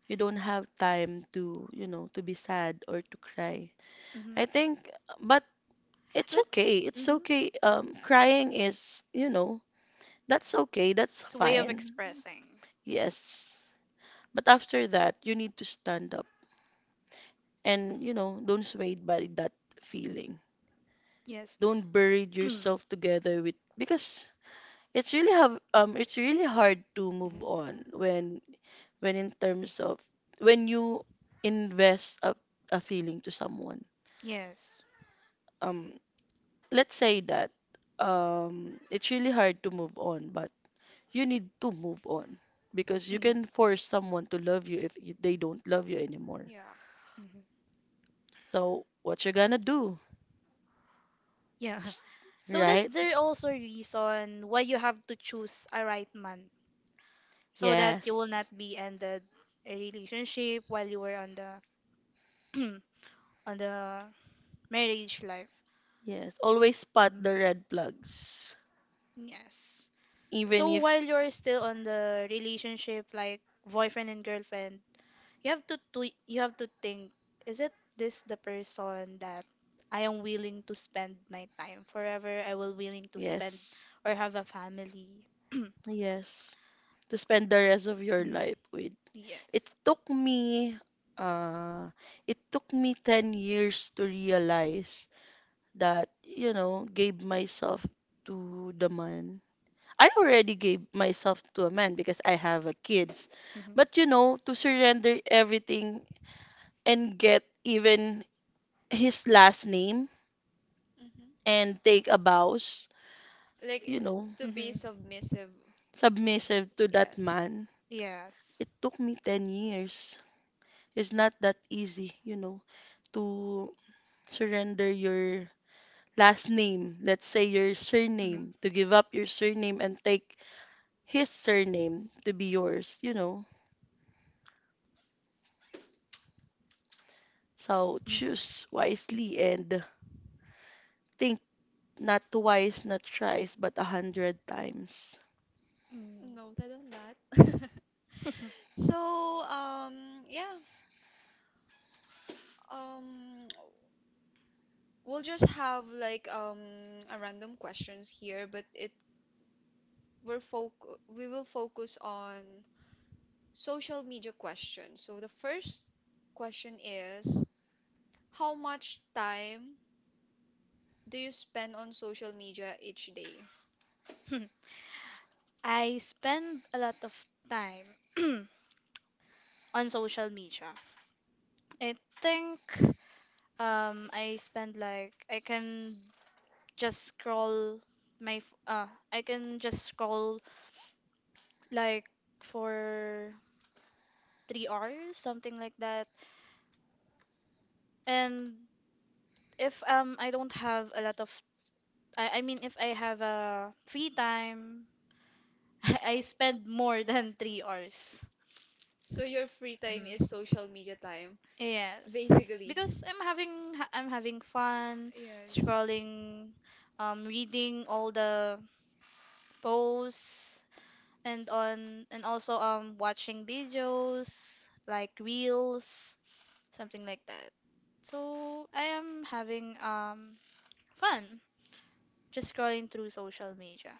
S3: You don't have time to, you know, to be sad or to cry.
S2: Hmm.
S3: I think, but it's
S2: But.
S3: okay. It's
S2: Mhm.
S3: okay. Crying is, you know, that's okay. That's
S2: It's a way of
S3: fine.
S2: expressing.
S3: Yes. But after that, you need to stand up and, you know, don't swayed by that feeling.
S2: Yes.
S3: Don't bury yourself together with because it's really hard to move
S2: Mhm.
S3: on when in terms of when you invest a feeling to someone
S2: Yes.
S3: um let's say that it's really hard to move on but you need to move on because you
S2: Mhm.
S3: can force someone to love you if they don't love you anymore,
S1: Yeah.
S2: Mhm.
S3: so what you gonna do,
S2: Yeah. So that's
S3: right?
S2: there also reason why you have to choose a right man so that you will
S3: Yes,
S2: not be ended a relationship while you were on the on the marriage life.
S3: yes, always spot
S2: Mhm.
S3: the red flags
S2: Yes.
S3: even
S2: So
S3: if,
S2: while you're still on the relationship like boyfriend and girlfriend, you have to think, is it this the person that I am willing to spend my time forever? I will willing to spend
S3: yes,
S2: or have a family.
S3: yes, to spend the rest of your
S2: Mm-hmm.
S3: life with. It
S2: Yes.
S3: took me uh it took me 10 years to realize that, you know, gave myself to the man. I already gave myself to a man because I have a kids.
S2: Mm-hmm.
S3: But you know, to surrender everything and get even his last name
S1: hmm
S3: and take a vows,
S1: Like
S3: you know,
S1: to be
S2: Mm-hmm.
S1: submissive.
S3: submissive to that
S1: Yes.
S3: man.
S2: Yes.
S3: It took me 10 years. It's not that easy, you know, to surrender your last name, let's say your
S2: Mm-hmm.
S3: surname, to give up your surname and take his surname to be yours, you know. So choose wisely and think not twice, not thrice, but a hundred times.
S2: Mm-hmm.
S1: Noted on that. So, yeah, um, we'll just have like a random questions here, but it we're foc we will focus on social media questions. So the first question is, how much time do you spend on social media each day?
S2: I spend a lot of time on social media. I think. I spend like just scroll I can just scroll like for 3 hours, something like that. And if I don't have a lot of I mean if I have a free time, I spend more than 3 hours.
S1: So your free time
S2: Mhm.
S1: is social media time,
S2: Yes,
S1: basically.
S2: because I'm I'm having fun
S1: Yes.
S2: scrolling, reading all the posts and on and also watching videos like reels, something like that. So I am having fun just scrolling through social media.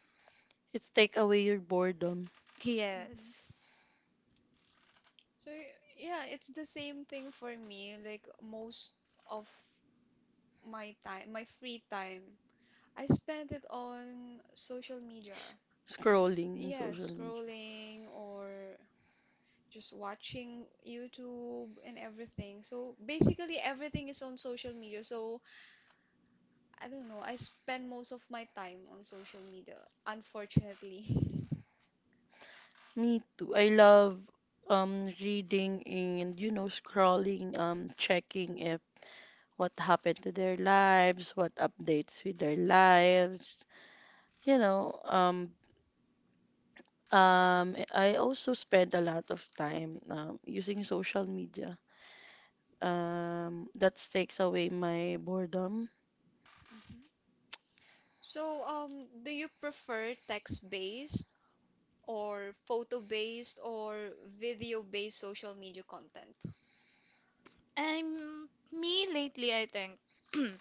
S3: It's take away your boredom
S1: hmm
S2: Yes.
S1: So yeah, it's the same thing for me. Like most of my time, my free time, I spend it on social media.
S3: scrolling in
S1: Yeah,
S3: social media.
S1: scrolling or just watching YouTube and everything. So basically everything is on social media. So I don't know. I spend most of my time on social media, unfortunately.
S3: Me too. I love reading and you know scrolling, checking if what happened to their lives, what updates with their lives. You know, I also spend a lot of time using social media. That takes away my boredom.
S1: Mhm. So, do you prefer text-based or photo-based or video-based social media content?
S2: I'm me lately I think,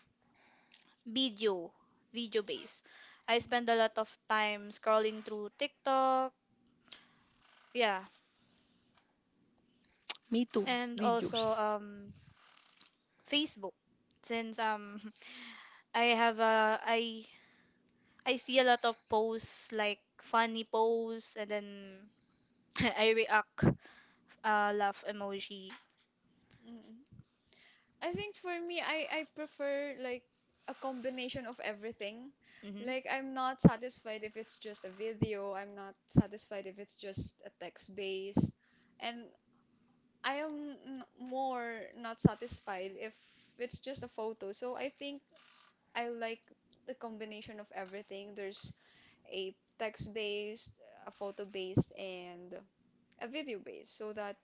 S2: video, video base. I spend a lot of time scrolling through TikTok, yeah,
S3: Me too,
S2: and
S3: videos.
S2: also Facebook, since I have a I I see a lot of posts like funny posts, and then I react, laugh emoji.
S1: Mm. I think for me, I prefer like a combination of everything.
S2: Hmm.
S1: Like, I'm not satisfied if it's just a video, I'm not satisfied if it's just a text based. And more not satisfied if it's just a photo. So I think I like the combination of everything. There's a text based, a photo based, and a video based. So that,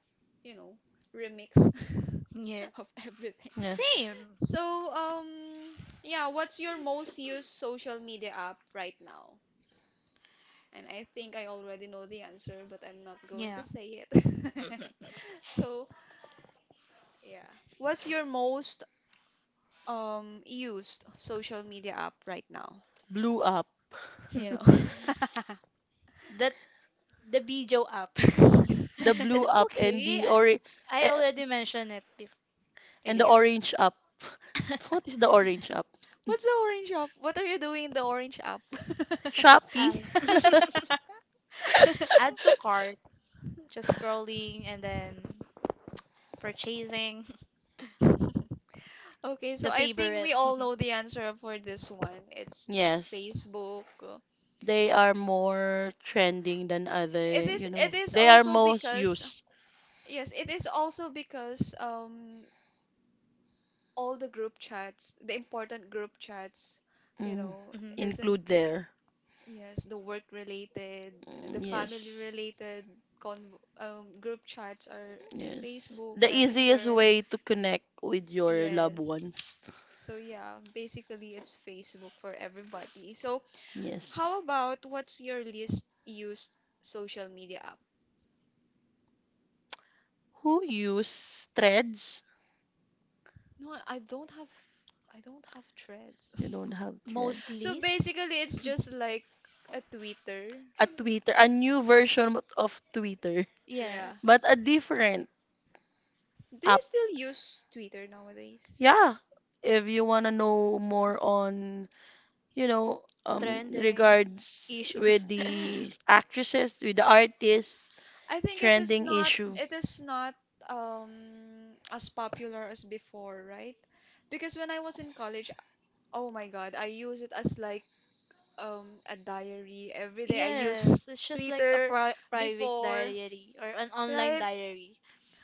S1: you know, remix of
S2: Yes.
S1: everything.
S3: Yes,
S2: Same.
S1: So, yeah, what's your most used social media app right now? And I think I already know the answer, but I'm not going
S2: Yeah.
S1: to say it. So, yeah. What's your most used social media app right now,
S3: blew up.
S1: you know.
S2: That the video app.
S3: The
S2: Is
S3: blue
S2: it
S3: up
S2: okay? I already mentioned it
S3: and the
S2: earlier.
S3: orange up. What is the orange up?
S1: What's the orange app? What are you doing in the orange app?
S3: Shopee.
S2: um add to cart, just scrolling and then purchasing,
S1: Okay, so
S2: the
S1: I think
S2: favorite.
S1: we all know the answer for this one. It's
S3: Yes.
S1: Facebook.
S3: They are more trending than other,
S1: It is
S3: you know.
S1: it is
S3: They are
S1: also
S3: most
S1: because
S3: used.
S1: yes, it is also because all the group chats, the important group chats, you
S3: Mm,
S1: know,
S2: Mhm.
S1: isn't?
S3: include there.
S1: Yes, the work related, the
S3: Mm,
S1: family
S3: yes.
S1: related conv group chats are in
S3: Yes.
S1: Facebook,
S3: The easiest
S1: Messenger.
S3: way to connect with your loved
S1: Yes.
S3: ones.
S1: So yeah, basically it's Facebook for everybody. So
S3: Yes.
S1: how about what's your least used social media app?
S3: Who use threads?
S1: No, I don't have Threads.
S3: You don't have
S2: Most
S3: threads.
S1: So
S2: least?
S1: basically it's just like a Twitter.
S3: A Twitter, a new version of Twitter,
S1: Yeah.
S2: Yes.
S3: but a different
S1: Do you
S3: app.
S1: still use Twitter nowadays?
S3: Yeah. If you want to know more on you know,
S2: Trending
S3: regards
S2: issues.
S3: with the actresses, with the artists,
S1: I think it is
S3: trending
S1: not
S3: issue.
S1: It is not as popular as before, right? Because when I was in college, oh my God, I use it as like a diary every day. I use
S2: Yes, it's just like a
S1: Twitter
S2: private
S1: before,
S2: diary or an online
S1: right?
S2: diary.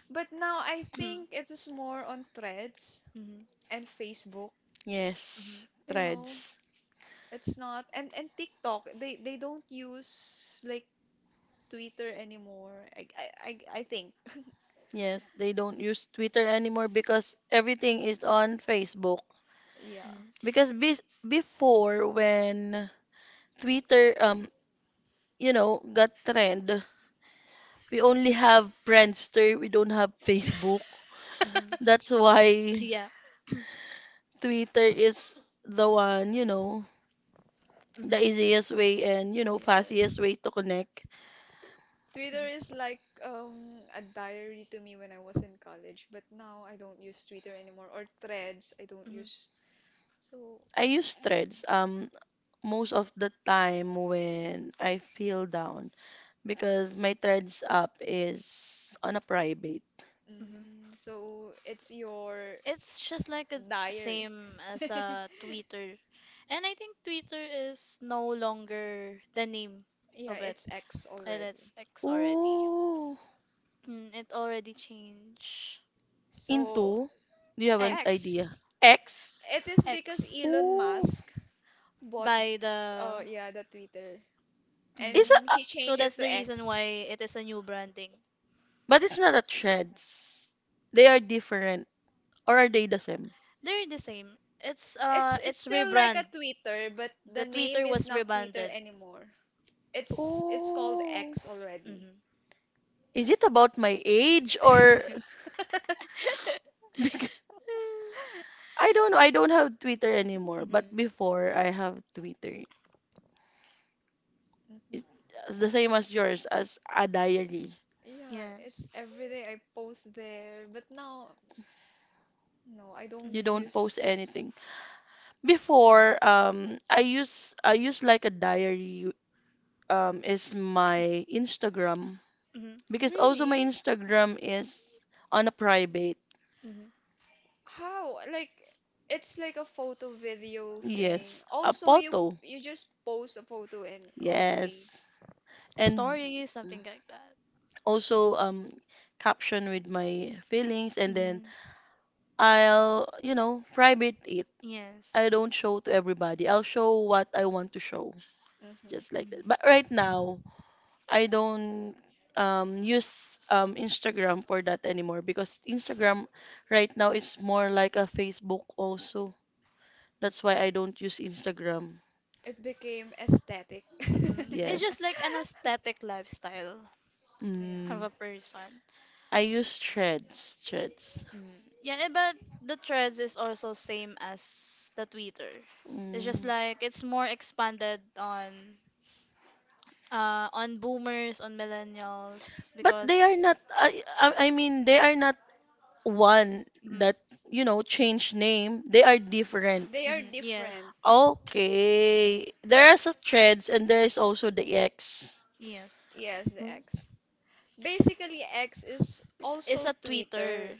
S1: But now I think it is more on Threads
S2: Mhm,
S1: and Facebook,
S2: mhm,
S3: Yes,
S1: you know.
S3: threads.
S1: It's not and and TikTok, they don't use like Twitter anymore. I think.
S3: Yes, they don't use Twitter anymore because everything is on Facebook.
S1: Yeah.
S2: mhm,
S3: Because be Before when Twitter, you know, got trend, we only have Friendster, we don't have Facebook.
S2: mhm,
S3: That's
S2: mhm.
S3: why
S2: Yeah.
S3: Twitter is the one, you know, the
S2: Mhm.
S3: easiest way and you know
S1: Yes.
S3: fastest way to connect.
S1: Twitter is like a diary to me when I was in college, but now I don't use Twitter anymore or Threads. I don't
S2: Mhm. Mhm.
S1: use. So,
S3: I use threads most of the time when I feel down because my threads app is on a private.
S2: Mhm.
S1: mm, so it's your
S2: It's just like a
S1: diary.
S2: same as Twitter. And I think Twitter is no longer the name
S1: Yeah,
S2: of it.
S1: it's X
S2: And
S1: already.
S2: it's X already.
S3: Oh,
S2: Mm, it already changed.
S1: So,
S3: into. Do you have an
S1: X.
S3: idea?
S2: X.
S3: X.
S1: It is because
S2: X
S1: Elon
S3: Oh.
S1: Musk bought
S2: by the.
S1: yeah the Twitter
S3: is
S2: Mhm.
S3: it
S1: and
S3: a- uh,
S1: he
S2: So
S1: changed
S2: that's
S1: it
S2: the
S1: to
S2: reason
S1: X.
S2: why it is a new branding.
S3: but it's not a threads, they are different or are they the same?
S2: They're the same. It's uh
S1: It's
S2: it's
S1: still like
S2: rebrand.
S1: a Twitter, but the
S2: The
S1: name
S2: Twitter
S1: is
S2: was
S1: not Twitter
S2: rebranded.
S1: anymore. It's called
S3: Oh,
S1: X already.
S2: Mhm.
S3: is it about my age? Or because I don't know. I don't have Twitter anymore, but
S2: Mhm.
S3: before I have Twitter.
S1: Mhm.
S3: It's the same as yours, as a diary.
S1: Yeah, it's
S2: Yes.
S1: every day I post there, but now no, I don't
S3: You
S2: Mhm.
S3: don't post
S1: use.
S3: anything. Before, I use like a diary. Is my Instagram
S2: Mhm.
S3: because also my
S1: Really?
S3: Instagram is on a private.
S2: Mhm.
S1: How? Like it's like a photo video thing.
S3: Yes, a
S1: Also,
S3: photo.
S1: you just post a photo and okay.
S3: Yes, and
S2: Stories, something like that.
S3: also caption with my feelings and then
S2: Mhm.
S3: I'll you know private it. I
S2: Yes.
S3: don't show to everybody. I'll show what I want to show,
S1: Mm-hmm.
S3: just like that.
S2: Mhm.
S3: But right now, I don't use Instagram for that anymore because Instagram right now is more like a Facebook also. That's why I don't use Instagram.
S1: It became aesthetic.
S2: Mhm. It's just like
S3: Yes.
S2: an aesthetic lifestyle of
S1: Yeah.
S3: Mm.
S2: a person.
S3: I use threads, threads.
S2: Mm. Yeah, but the threads is also same as the Twitter. It's just
S3: Mm.
S2: like it's more expanded on on boomers, on millennials
S3: But they are
S2: because.
S3: not. I mean, they are not one
S2: Mhm.
S3: that, you know, change name, they are different.
S1: They are
S2: Mhm. Yes.
S1: different.
S3: Okay. There is a threads and there is also the X.
S2: Yes.
S1: Yes, the
S3: Hmm?
S1: X. Basically, X is
S2: It's
S1: also
S2: a Twitter,
S1: Twitter.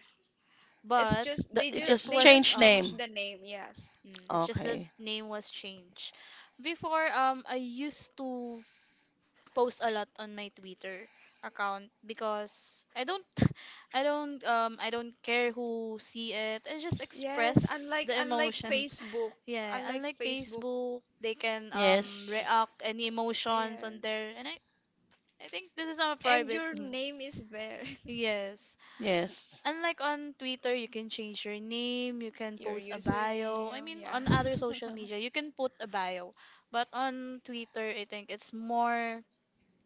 S1: It's
S2: but
S1: just
S3: The- It
S2: it
S3: just
S1: they
S2: was
S1: just
S3: change
S2: uh
S1: changed
S3: name.
S1: the name. Yes.
S2: Mm, it's just the
S3: Okay.
S2: name was changed. Before, I used to post a lot on my Twitter account because I don't, I don't care who see it. I just
S1: Yes,
S2: express the
S1: unlike
S2: emotions.
S1: Facebook,
S2: Yeah,
S1: unlike
S2: unlike
S1: Facebook.
S2: Facebook, they can
S3: Yes.
S2: react any emotions
S1: Yeah.
S2: on there, and I think this is a
S1: And
S2: private.
S1: your name is there.
S2: Yes,
S3: Yes.
S2: unlike on Twitter, you can change your name, you can
S1: Your
S2: post a bio. I
S1: username,
S2: mean,
S1: yeah.
S2: on other social media, you can put a bio. But on Twitter, I think it's more,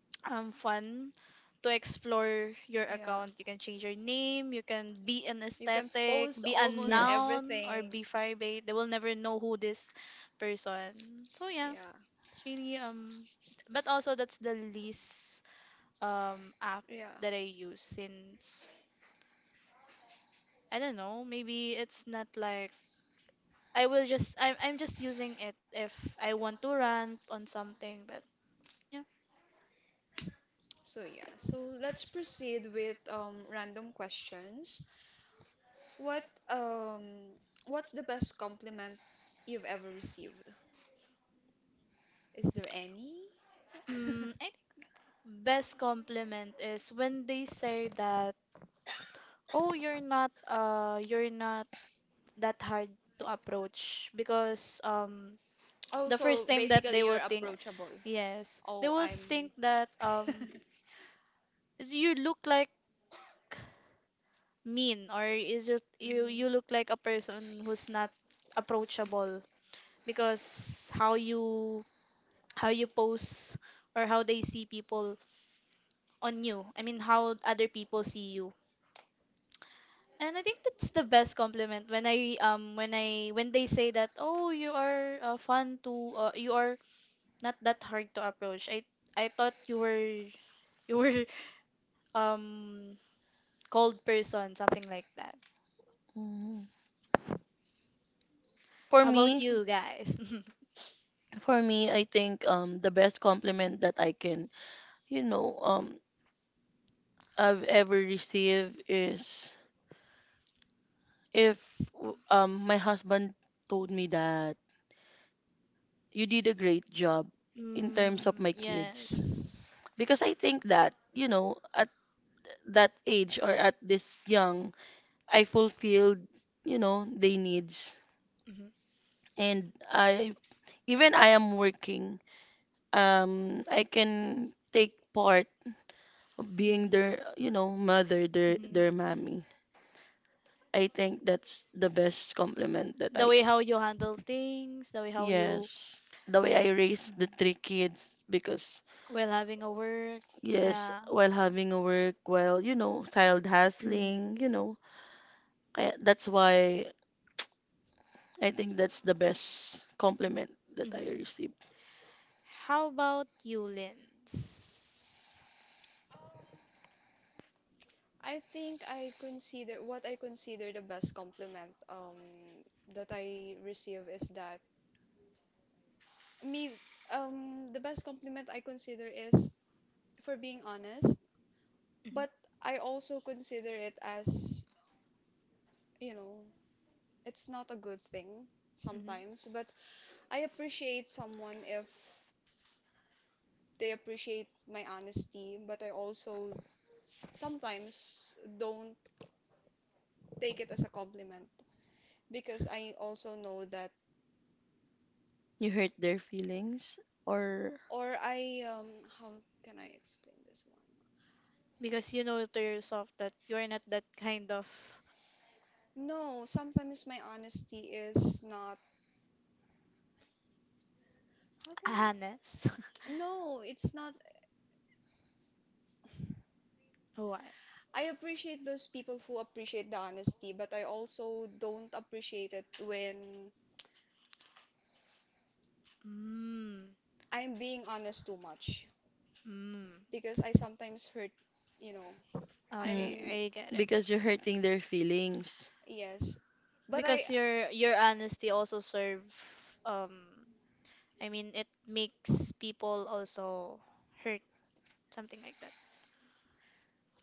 S2: fun to explore your
S1: Yeah.
S2: account. You can change your name, you can be an
S1: You can
S2: aesthetic,
S1: post
S2: be a
S1: almost
S2: noun, or
S1: everything.
S2: be private. They will never know who this person. So yeah,
S1: Yeah.
S2: it's really. But also, that's the least app
S1: Yeah.
S2: that I use since I don't know. Maybe it's not like I'm just using it if I want to rant on something, but yeah.
S1: So yeah, so let's proceed with random questions. What um what's the best compliment you've ever received? Is there any?
S2: Mm, I think best compliment is when they say that, "Oh, you're not that hard to approach," because
S1: Oh,
S2: the first
S1: so
S2: time that
S1: basically
S2: they
S1: you're
S2: will think,
S1: approachable.
S2: yes, they
S1: Oh,
S2: will
S1: I'm
S2: think that is you look like mean, or is you you
S1: Mhm.
S2: you look like a person who's not approachable because how you pose, or how they see people on you. I mean, how other people see you. And I think that's the best compliment when I when I when they say that, oh, you are, fun to, you are not that hard to approach. I thought you were um cold person, something like that.
S3: Mhm. For
S2: How about
S3: me,
S2: you guys?
S3: for me, I think the best compliment that I can, you know, I've ever received is if my husband told me that you did a great job in terms of
S2: Mm,
S3: my kids.
S2: yes.
S3: Because I think that, you know, at that age or at this young, I fulfilled, you know, their needs.
S2: Mm-hmm.
S3: And I even I am working, I can take part of being
S2: Mm-hmm.
S3: their, you know, mother,
S2: Mm-hmm.
S3: their mommy. I think that's the best compliment that
S2: The
S3: I
S2: way how you
S3: could.
S2: handle things, the way how you.
S3: Yes, the way I raised
S2: Mhm.
S3: the three kids because
S2: While having a work.
S3: yes,
S2: Yeah.
S3: while having a work, while you know, child hustling, you
S2: Mhm.
S3: know, that's why I think that's the best compliment that I
S2: Mhm.
S3: received.
S2: How about you, Linz?
S1: I think I consider what I consider the best compliment that I receive is that me the best compliment I consider is for being honest,
S2: Mhm.
S1: but I also consider it as you know, it's not a good thing
S2: Mhm.
S1: sometimes, but I appreciate someone if they appreciate my honesty, but I also sometimes don't take it as a compliment because I also know that,
S3: You hurt their feelings or
S1: or I, um, how can I explain this one?
S2: Because you know to yourself that you're not that kind of
S1: No, sometimes my honesty is not, how can
S2: honest.
S1: I? No, it's not.
S2: What?
S1: I appreciate those people who appreciate the honesty, but I also don't appreciate it when
S2: Mm.
S1: I'm being honest too much
S2: Mm.
S1: because I sometimes hurt, you know.
S2: Okay,
S3: Mm,
S1: I'm
S2: I get it.
S3: because you're hurting their feelings.
S1: yes, but
S2: Because your honesty also serve, um I mean it makes people also hurt, something like that.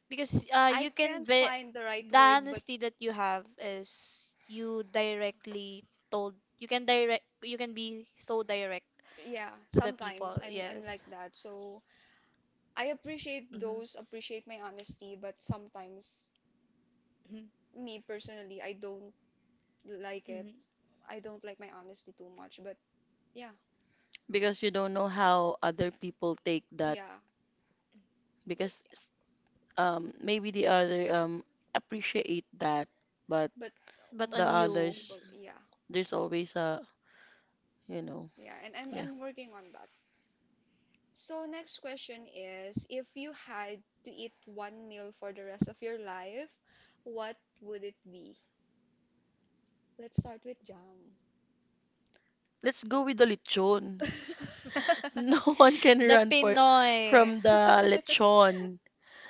S2: Because
S1: I
S2: you can
S1: can't
S2: be.
S1: find the right
S2: The
S1: word, but
S2: honesty that you have is you directly told, you can be so direct
S1: yeah,
S2: to the
S1: sometimes
S2: people,
S1: I'm like
S2: yes.
S1: that. So I appreciate
S2: Mm-hmm.
S1: those, appreciate my honesty, but sometimes
S2: Hmm.
S1: me personally, I don't like it.
S2: Hmm.
S1: I don't like my honesty too much, but yeah.
S3: Because you don't know how other people take that.
S1: Yeah. But
S3: Because maybe the other appreciate that, but
S1: but
S2: But
S3: the
S2: on
S1: most
S2: you,
S3: others
S1: people, yeah,
S3: there's always a you know
S1: yeah. And
S3: yeah.
S1: I'm working on that. So next question is, if you had to eat one meal for the rest of your life, what would it be? Let's start with jam.
S3: Let's go with the lechon. No one can
S2: the
S3: run for
S2: Pinoy.
S3: from the lechon.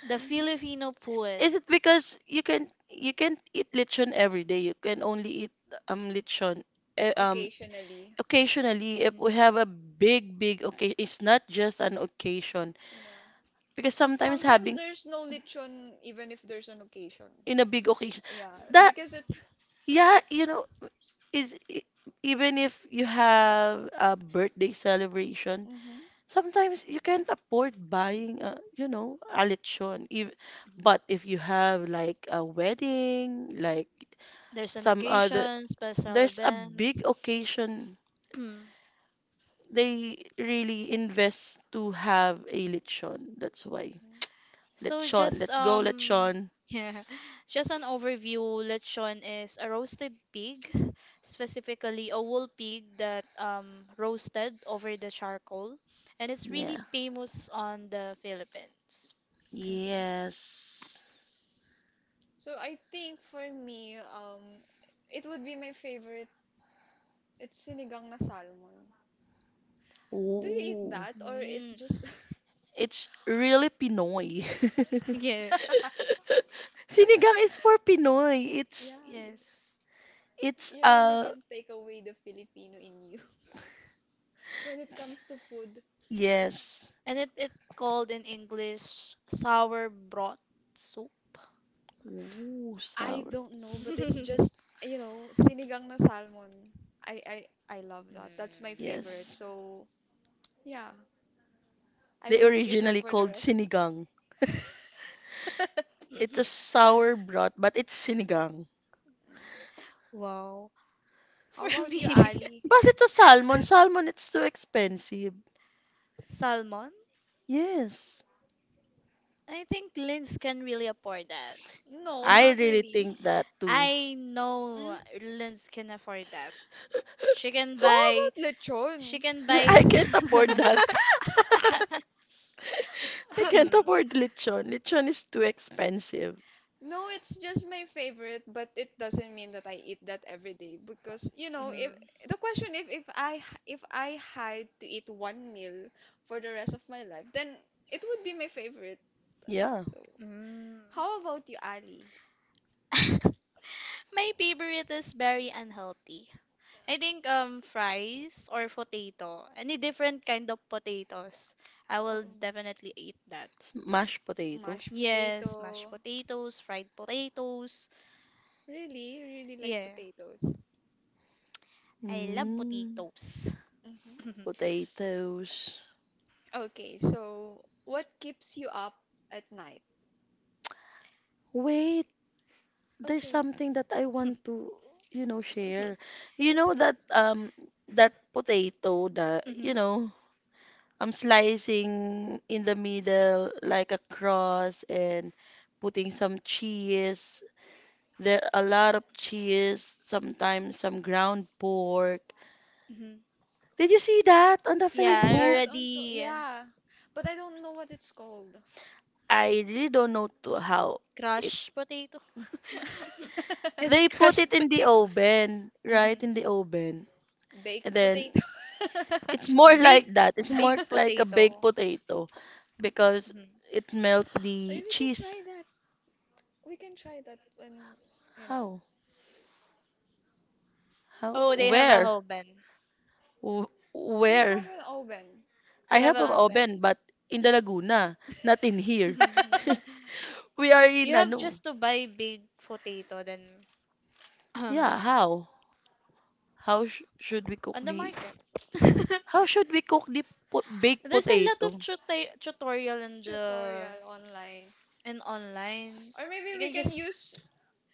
S2: The
S1: Mm-hmm.
S2: Filipino poet.
S3: Is it because you can you can't eat lechon every day? You can only eat lechon eh, um
S1: Occasionally.
S3: occasionally
S2: Mhm.
S3: if
S2: Mhm.
S3: we have a big big occasion. It's not just an occasion
S1: Yeah.
S3: because sometimes
S1: Sometimes
S3: having
S1: there's no lechon even if there's an occasion.
S3: in a big occasion
S1: Yeah,
S3: that,
S1: because it's.
S3: yeah, is even if you have a birthday celebration.
S1: Mm-hmm.
S3: Sometimes you can't afford buying a, a lechon. If,
S2: Mhm.
S3: but if you have like a wedding, like
S2: There's an
S3: some other,
S2: occasion, special
S3: there's a
S2: events.
S3: big occasion.
S2: Mm.
S3: They really invest to have a lechon. That's why.
S1: Mm-hmm,
S2: So
S3: Lechon.
S2: just
S3: Let's go lechon.
S2: yeah, just an overview. Lechon is a roasted pig, specifically a wool pig that roasted over the charcoal, and it's really
S3: Yeah.
S2: famous on the Philippines.
S1: mm-hmm.
S3: Yes.
S1: So I think for me, it would be my favorite. It's sinigang na salmon. Do you eat
S3: Ooh.
S1: that or it's
S2: Mm.
S1: just
S3: It's really Pinoy.
S2: Yeah.
S3: Sinigang is for Pinoy.
S1: yeah.
S2: Yes.
S3: It's
S1: You really can take away the Filipino in you when it comes to food.
S3: Yes.
S2: And it called in English sour broth soup.
S3: Ooh,
S1: I
S3: sour.
S1: don't know, but it's just, you know, sinigang na salmon. I I I love that.
S2: Mm.
S1: That's my favorite.
S3: Yes.
S1: So, yeah, I
S3: They
S1: will eat that
S3: originally
S1: for the
S3: called
S1: rest.
S3: sinigang. It's a
S2: Mhm.
S3: sour broth, but it's sinigang.
S2: Wow.
S1: How
S2: For
S1: about you,
S2: me,
S1: Ali?
S3: But it's a salmon. Salmon, it's too expensive.
S2: salmon.
S3: Yes.
S2: I think Linz can really afford that.
S1: No,
S3: I
S2: Mhm.
S1: not
S3: really
S1: really.
S3: think that too.
S2: I know
S1: Mm.
S2: Linz can afford that. She can
S1: How
S2: buy.
S1: about
S2: She
S1: lechon?
S2: can buy.
S3: I can't afford that. I can't
S2: Hmm.
S3: afford lechon. Lechon is too expensive.
S1: No, it's just my favorite, but it doesn't mean that I eat that every day because you know, if
S2: Mm.
S1: the question if I h- if I had to eat one meal for the rest of my life, then it would be my favorite.
S3: Yeah,
S1: So,
S2: Mm.
S1: how about you, Ali?
S2: My favorite is very unhealthy. I think fries or potato, any different kind of potatoes, I will
S1: Um,
S2: definitely eat that.
S3: mashed potato.
S1: mashed
S2: Yes, mashed
S1: potato.
S2: potatoes, fried potatoes.
S1: Really, really like
S2: Yeah,
S1: potatoes.
S2: I love
S3: Mm,
S2: potatoes.
S1: hmm
S3: potatoes.
S1: Okay, so what keeps you up at night?
S3: Wait, there's
S1: Okay,
S3: something that I want to,
S2: Mhm,
S3: share. You
S1: what's
S3: know
S1: it?
S3: that potato that,
S2: mhm,
S3: I'm slicing in the middle like a cross and putting some cheese. There are a lot of cheese, sometimes some ground pork.
S2: mhm, mhm.
S3: Did you see that on the
S1: I
S2: Yeah, I
S1: see
S3: Facebook?
S1: that. Really? Also.
S2: already,
S1: Yeah, but I don't know what it's called.
S3: I really don't know to how it.
S2: crushed potato. Is
S3: They
S2: it
S3: put
S2: crushed
S3: it in the
S2: potato?
S3: oven,
S2: Hmm.
S3: right? In the oven.
S1: Baked
S3: And then
S1: potato.
S3: it's more
S2: Baked
S3: like that. It's more
S2: baked
S3: like a baked
S2: potato.
S3: potato because
S2: Hmm.
S3: it melt
S1: Maybe
S3: the
S1: we can
S3: cheese.
S1: try that. We can try that when, you know,
S3: How? How?
S2: Oh, they have a
S3: Where?
S2: oven.
S1: you have
S3: Where?
S1: an oven
S2: They
S3: I
S2: have
S3: have
S2: a
S3: an
S2: oven.
S3: oven, but in the Laguna, not in here. We are in
S2: You have
S3: ano?
S2: just to buy big potato then,
S3: Yeah,
S2: um
S3: how? How sh should we cook
S2: on the
S3: the
S2: market.
S3: How should we cook the po baked
S2: There's a lot of
S3: potato?
S2: tutorial in the,
S1: tutorial online.
S2: in online.
S1: Or maybe
S2: You
S1: we
S2: can
S1: can
S2: just.
S1: use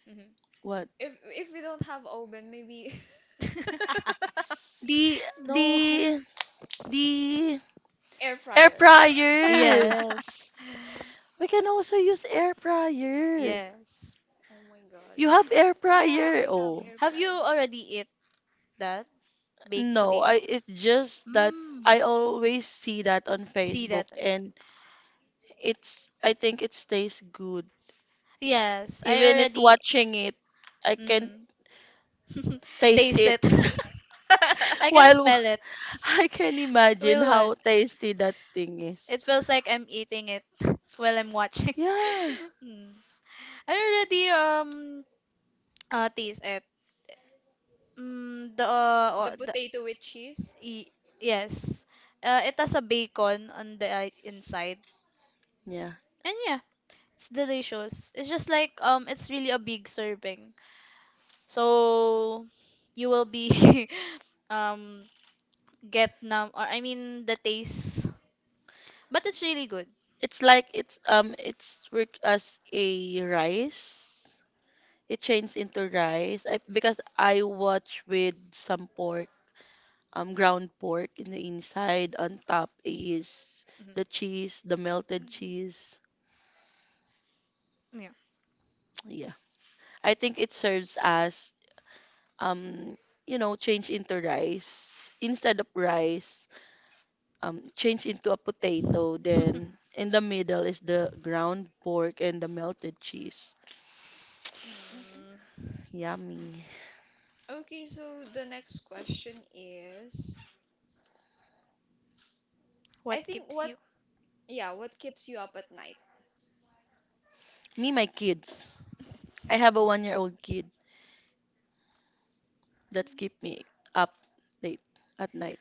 S2: Mhm.
S3: What?
S1: if we don't have oven, maybe
S3: The
S2: No.
S3: the the
S1: air
S3: air
S1: fryer.
S3: fryer.
S2: Yes.
S3: We can also use air fryer.
S2: Yes.
S1: Oh my god.
S3: You have air
S1: Yeah,
S3: fryer.
S1: I have
S3: Oh,
S1: air
S2: Have
S1: fry.
S2: you already eat that baked
S3: no, I
S2: potato?
S3: it's just that I
S2: Mm.
S3: always see that on
S2: See
S3: Facebook
S2: that?
S3: and it's I think it tastes good.
S2: Yes, I
S3: Even it
S2: already,
S3: watching it, I can
S2: mm,
S3: taste
S2: taste
S3: it.
S2: it. I can
S3: While
S2: smell it.
S3: I can imagine
S2: Will what?
S3: how tasty that thing is.
S2: It feels like I'm eating it while I'm watching.
S3: Yeah.
S2: Mm. I already, taste it. Mm, the uh,
S1: The
S2: uh, the
S1: potato with cheese.
S2: y- yes. It has a bacon on the, inside.
S3: Yeah.
S2: And yeah, it's delicious. It's just like, it's really a big serving. So you will be um get numb, or I mean the taste, but it's really good.
S3: It's like it's worked as a rice. It changed into rice. Because I watch with some pork, ground pork in the inside. On top is
S2: Mhm.
S3: the cheese, the melted
S1: Mhm.
S3: cheese.
S2: Yeah.
S3: Yeah. I think it serves as um change into rice instead of rice. Change into a potato. Then in the middle is the ground pork and the melted cheese.
S1: Mhm.
S2: Mm.
S3: Yummy.
S1: Okay, so the next question is, I
S2: What
S1: think
S2: keeps
S1: what,
S2: you?
S1: yeah, what keeps you up at night?
S3: Me, my kids. I have a 1-year-old kid
S1: Mhm.
S3: that's keep me up late at night.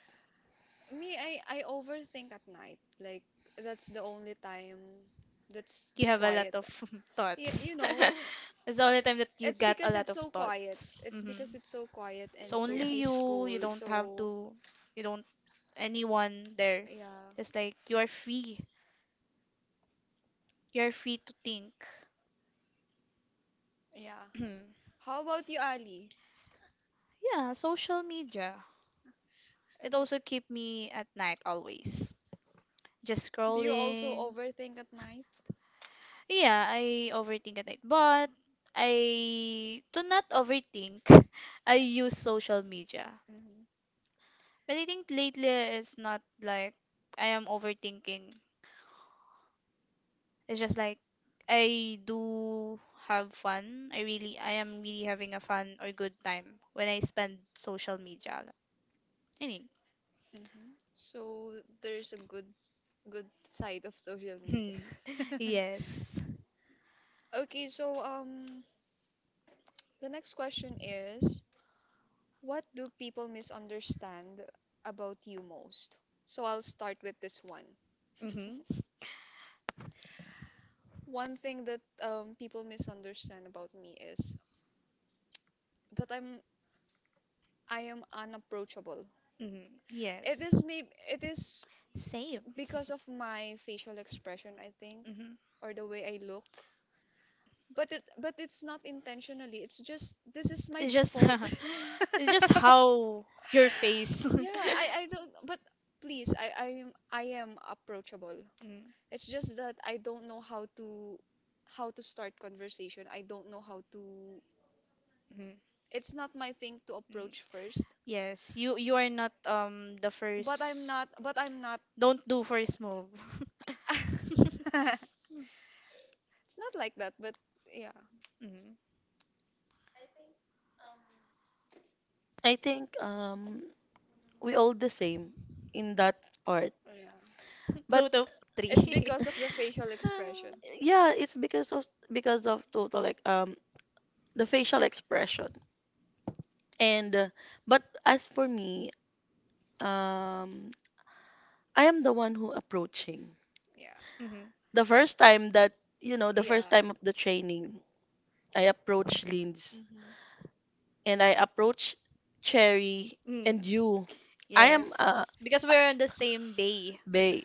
S1: Me, I overthink at night. Like that's the only time that's the
S2: You have a lot
S1: quiet.
S2: of
S1: Yeah, you
S2: thoughts.
S1: know,
S2: It's the only time that you
S1: it's
S2: got a
S1: because
S2: lot
S1: it's
S2: of
S1: so quiet.
S2: thoughts.
S1: It's
S2: Hmm.
S1: because it's so quiet
S2: It's
S1: and so
S2: only
S3: Yes.
S2: you. You
S1: peaceful.
S2: don't have
S1: So
S2: to. You don't anyone there.
S1: Yeah.
S2: It's like you are free. You are free to think.
S1: Yeah. How about you, Ali?
S2: Yeah, social media. It
S1: If it-
S2: also keep me at night always. Just
S1: Do you also
S2: scrolling.
S1: overthink at night?
S2: Yeah, I overthink at night. But I do not overthink. I use social media.
S1: hmm
S2: But I think lately it's not like I am overthinking. It's just like I do have fun. I am really having a fun or good time when I spend social media. Any.
S1: hmm So there's a good good side of social media.
S2: Yes.
S1: Okay, so the next question is what do people misunderstand about you most? So I'll start with this one.
S2: Mhm.
S1: One thing that people misunderstand about me is that I am unapproachable.
S2: Mhm.
S1: It
S2: Yes.
S1: is maybe it is
S2: Same.
S1: because of my facial expression, I think,
S2: Mm-hmm.
S1: or the way I look. But it's not intentionally. It's just this is my
S2: It's just
S1: default.
S2: it's just how your face.
S1: Yeah, I don't but please, I am approachable.
S2: Mm,
S1: It's just that I don't know how to start conversation. I don't know how to
S2: mm,
S1: it's not my thing to
S2: mm.
S1: approach first.
S2: Yes, you are not the
S1: But I'm
S2: first.
S1: not but I'm not
S2: Don't do first move.
S1: It's not like that, but yeah.
S2: Mm.
S3: I think we all the same in that part.
S1: Yeah.
S3: But
S2: Both of three.
S1: It's because of the facial expression.
S3: yeah, it's because of total like the facial expression. And but as for me, um I am the one who approaching.
S1: Yeah.
S2: Mm-hmm.
S3: The first time that, you know, the
S1: Yeah.
S3: first time of the training, I approached Linz
S1: Mm-hmm.
S3: and I approached Cherry
S2: Mm.
S3: and you. I am a
S2: Yes, because we're on the same bay.
S3: ba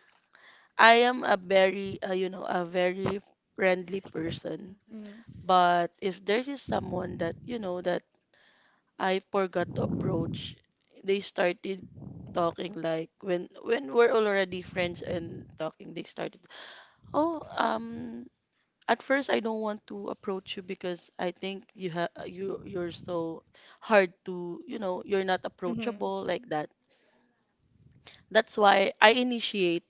S3: I am a very friendly person.
S1: Mm-hmm.
S2: Mm-hmm.
S3: But if there is someone that, that I forgot to approach, they started talking like when we're already friends and talking, they started, "Oh, at first, I don't want to approach you because I think you're so hard to, you're not
S2: Mm-hmm.
S3: approachable like that. That's why I initiate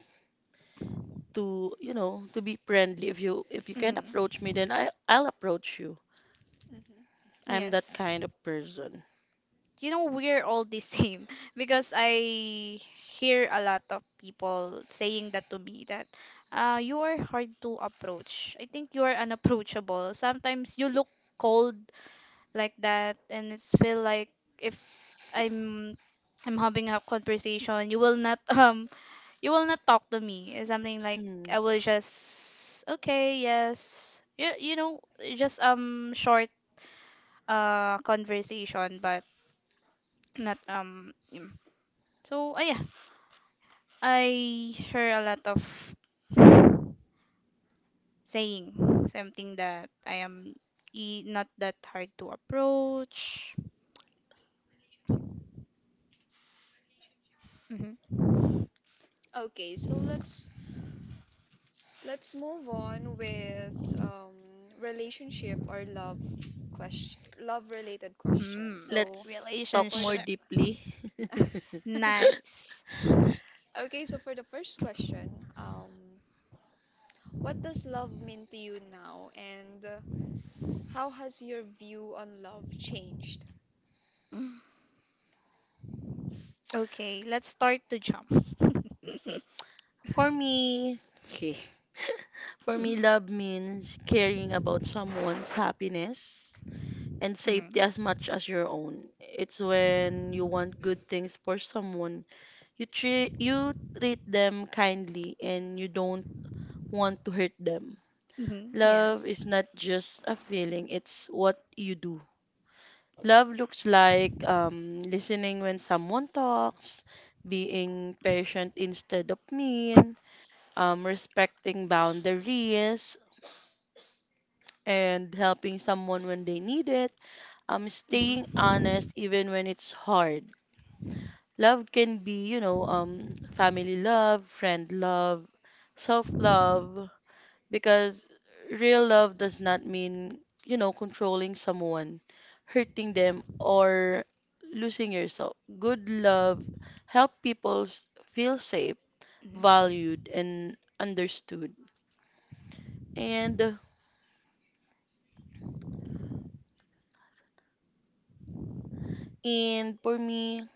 S3: to, to be friendly. If you can't approach me,
S2: Mm.
S3: then I'll approach you.
S1: Mm-hmm.
S3: I'm that
S2: Yes.
S3: kind of person.
S2: You know, we're all the same because I hear a lot of people saying that to me that, you are hard to approach. I think you are unapproachable. Sometimes you look cold like that, and it's feel like if I'm I'm having a conversation, you will not you will not talk to me. It's something like I
S3: Mm.
S2: will just, okay, yes, you, just short conversation, but not him. So, yeah, I hear a lot of saying something that I am, not that hard to approach. Mhm.
S1: Okay, so let's move on with relationship or love question, love related question.
S2: Hmm.
S1: So
S3: Let's talk
S1: for
S3: more
S1: the
S2: Relationship.
S3: deeply.
S2: Nice.
S1: Okay, so for the first question, um, what does love mean to you now? And how has your view on love changed?
S2: Mm. Okay, let's start to jump.
S3: For me, for me, love means caring about someone's happiness and
S2: Hmm.
S3: safety as much as your own. It's when you want good things for someone, you treat them kindly and you don't want to hurt them.
S2: Hmm.
S3: Love
S2: Yes.
S3: is not just a feeling, it's what you do. Love looks like listening when someone talks, being patient instead of mean, respecting boundaries, and helping someone when they need it. Staying
S2: Hmm.
S3: honest even when it's hard. Love can be, family love, friend love, self love, because real love does not mean, controlling someone, hurting them, or losing yourself. Good love help people feel safe,
S2: Hmm.
S3: valued, and understood. And and for me,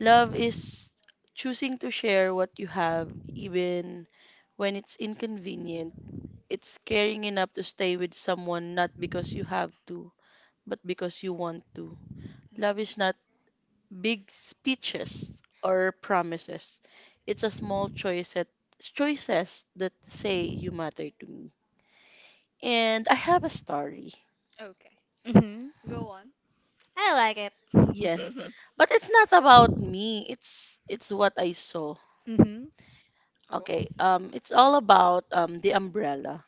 S3: love is choosing to share what you have, even when it's inconvenient. It's caring enough to stay with someone not because you have to, but because you want to. Love
S1: Mhm.
S3: is not big speeches or promises. It's a small choice choices that say you matter to me. And I have a story.
S1: Okay,
S2: Hmm.
S1: go on.
S2: I like
S3: Yes.
S2: it.
S3: But it's not about me. It's what I saw.
S2: Hmm.
S1: Oh.
S3: Okay. It's all about the umbrella.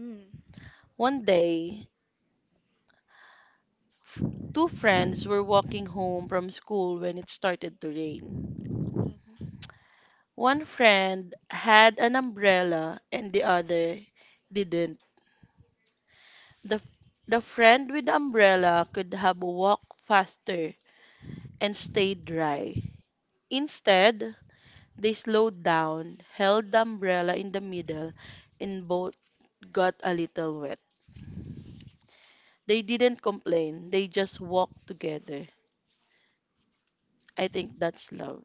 S2: Mm.
S3: One day, f- two friends were walking home from school when it started to rain. One friend had an umbrella and the other didn't. The, the friend with the umbrella could have walked faster and stayed dry. Instead, they slowed down, held the umbrella in the middle, and both got a little wet. They didn't complain, they just walked together. I think that's love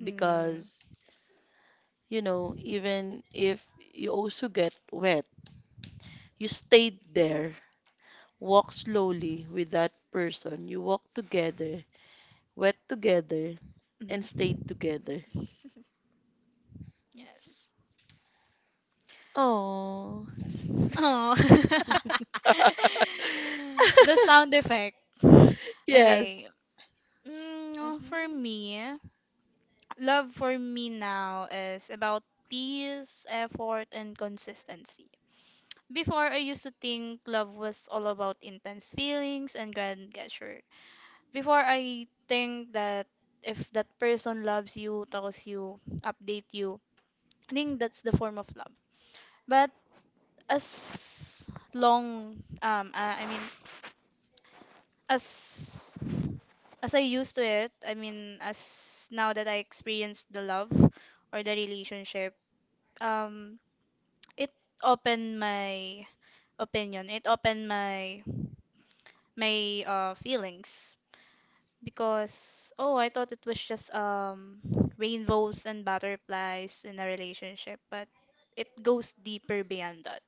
S2: Mm,
S3: because, you know, even if you also get wet, you stayed there, walk slowly with that person. You walk together, wet together, and
S2: mhm,
S3: stayed together.
S2: yes.
S3: Oh,
S2: Oh. The sound effect.
S3: yes,
S2: Okay. Mm, oh,
S1: Mm-hmm.
S2: for
S1: Mm-hmm.
S2: me, love for me now is about peace, effort, and consistency. Before, I used to think love was all about intense feelings and grand gesture. Before, I think that if that person loves you, tells you, update you, I think that's the form of love. But as long, I mean as as I used to it, I mean as now that I experienced the love or the relationship, um it opened my opinion. It opened my feelings because, oh, I thought it was just, rainbows and butterflies in a relationship, but it goes deeper beyond that.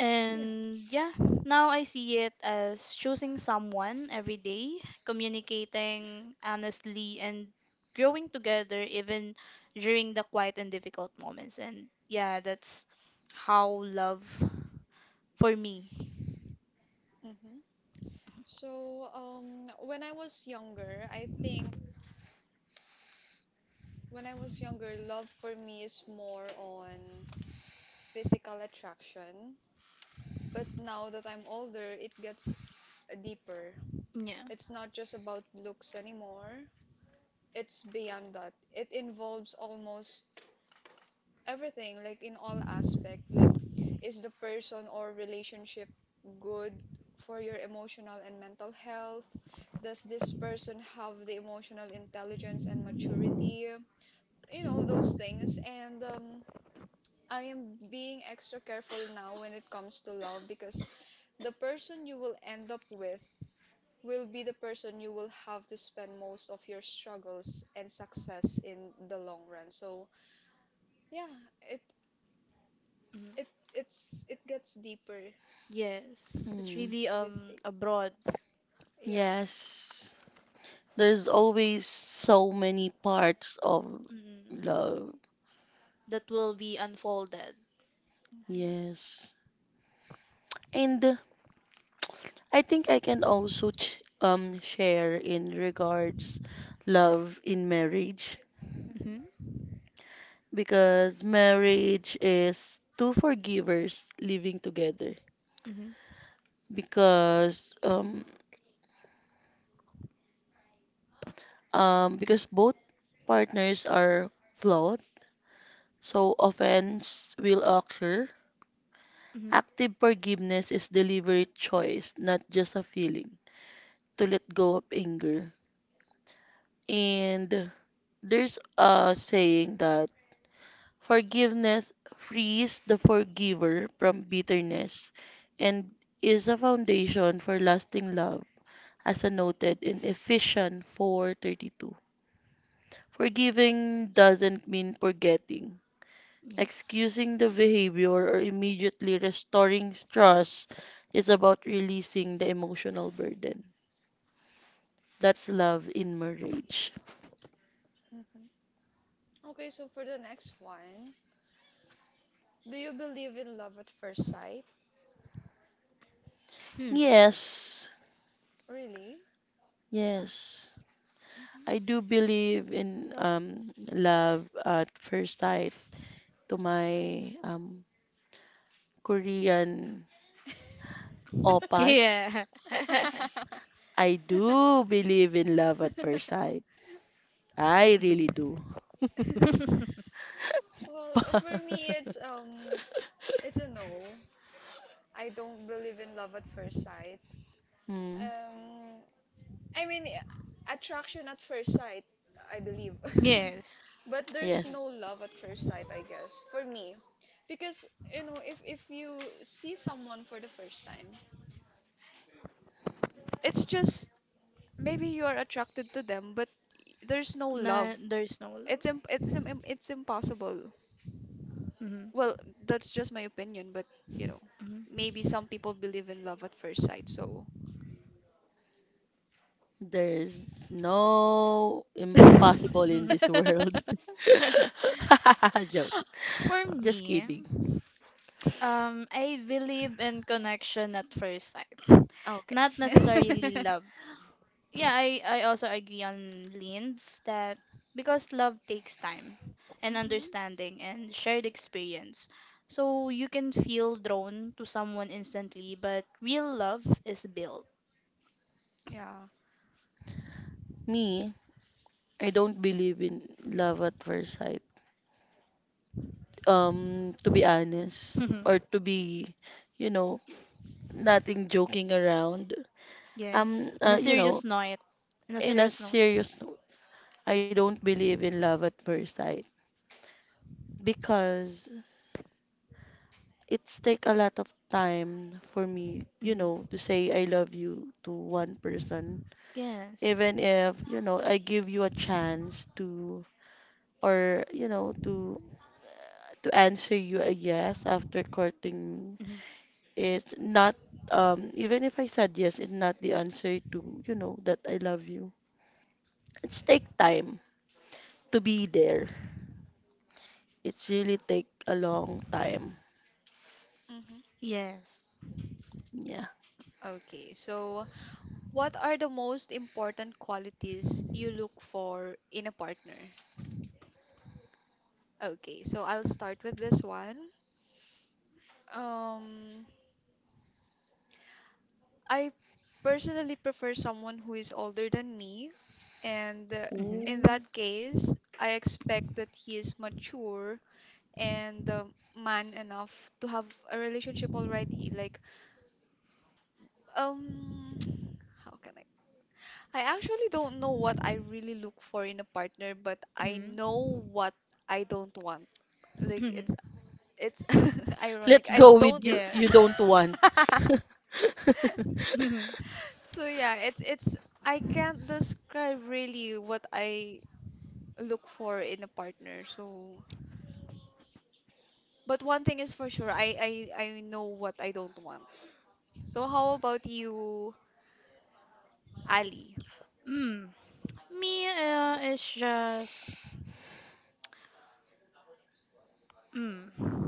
S2: And
S3: yes.
S2: yeah, now I see it as choosing someone every day, communicating honestly, and growing together even during the quiet and difficult moments. And yeah, that's how love for me.
S1: Mm-hmm. So, when I was younger, I think when I was younger, love for me is more on physical attraction. But now that I'm older, it gets deeper.
S2: Yeah.
S1: It's not just about looks anymore. It's beyond that. It involves almost everything like in all aspect like is the person or relationship good for your emotional and mental health, does this person have the emotional intelligence and maturity, you know those things, and I am being extra careful now when it comes to love because the person you will end up with will be the person you will have to spend most of your struggles and success in the long run. So, yeah, it
S2: Mm.
S1: it it gets deeper
S2: Yes, it's
S3: Mm.
S2: really
S1: these
S2: a
S1: days.
S2: broad,
S1: Yeah.
S3: Yes, there's always so many parts of
S2: mm,
S3: love.
S2: that will be unfolded.
S1: hmm
S3: Yes. And I think I can also ch share in regards love in marriage
S1: hmm
S2: Mm-hmm.
S3: because marriage is two forgivers living together
S2: Mm-hmm.
S3: because because both partners are flawed so offense will occur.
S2: Mm-hmm.
S3: Active forgiveness is deliberate choice, not just a feeling to let go of anger. And there's a saying that forgiveness frees the forgiver from bitterness and is a foundation for lasting love, as noted in Ephesians 4:32. Forgiving doesn't mean forgetting.
S2: Yes.
S3: Excusing the behavior or immediately restoring trust is about releasing the emotional burden. That's love in marriage.
S1: hmm Okay, so for the next one, do you believe in love at first sight?
S2: Hmm.
S3: Yes,
S1: Really?
S3: yes. I
S1: Mhm.
S3: do believe in love at first sight to my Korean opas,
S2: Yeah.
S3: I do believe in love at first sight. I really
S2: Mhm.
S3: do.
S1: Well, for me, it's a no. I don't believe in love at first sight.
S3: Hmm.
S1: Um, I mean, eh, attraction at first sight, I believe.
S2: Yes.
S1: But there's
S3: Yes,
S1: no love at first sight, I guess, for me. Because, you know, if you see someone for the first time, it's just maybe you are attracted to them, but there's no love.
S2: No, there's no
S1: It's imp- it's im- im- It's impossible.
S2: love.
S1: Well, that's just my opinion, but you know,
S2: Mhm,
S1: maybe some people believe in love at first sight, so
S3: there's no
S1: okay.
S3: impossible in
S2: mhm.
S3: this world. Joke.
S2: For
S3: Just
S2: me,
S3: kidding.
S2: I believe in connection at first sight, not necessarily love. Yeah, I also agree on Lynn's that, because love takes time and
S1: hmm
S2: understanding and shared experience. So you can feel drawn to someone instantly, but real love is built.
S1: Yeah.
S3: Me, I don't believe in love at first sight. To be honest, or to be, you know, nothing joking around.
S2: Yes, on a
S3: You know,
S2: serious note. On a
S3: in a
S2: serious note.
S3: serious note, I don't believe in love at first sight because it's take a lot of time for me, you
S2: Mm-hmm.
S3: know, to say I love you to one person.
S2: Yes.
S3: Even if, you know, I give you a chance to, or you know, to answer you a yes after courting me,
S2: Hmm.
S3: it's not. Even if I said yes, it's not the answer to, you know, that I love you. It's take time to be there. It's really take a long time.
S1: hmm
S2: Yes.
S3: Yeah.
S1: Okay, so what are the most important qualities you look for in a partner? Okay, so I'll start with this one. Um, I personally prefer someone who is older than me, and
S2: Hmm.
S1: in that
S3: Ooh.
S1: case, I expect that he is mature and man enough to have a relationship already. Like, um, how can I actually don't know what I really look for in a partner, but I
S2: Hmm.
S1: know what I don't want. Like it's it's ironic.
S3: Let's
S1: I
S3: go
S1: don't
S3: with
S1: know.
S3: you. You
S2: Yes.
S3: don't want.
S2: Hmm.
S1: So yeah, it's I can't describe really what I look for in a partner. So, but one thing is for sure, I know what I don't want. So how about you, Ali?
S2: Mm. Me, is just mm.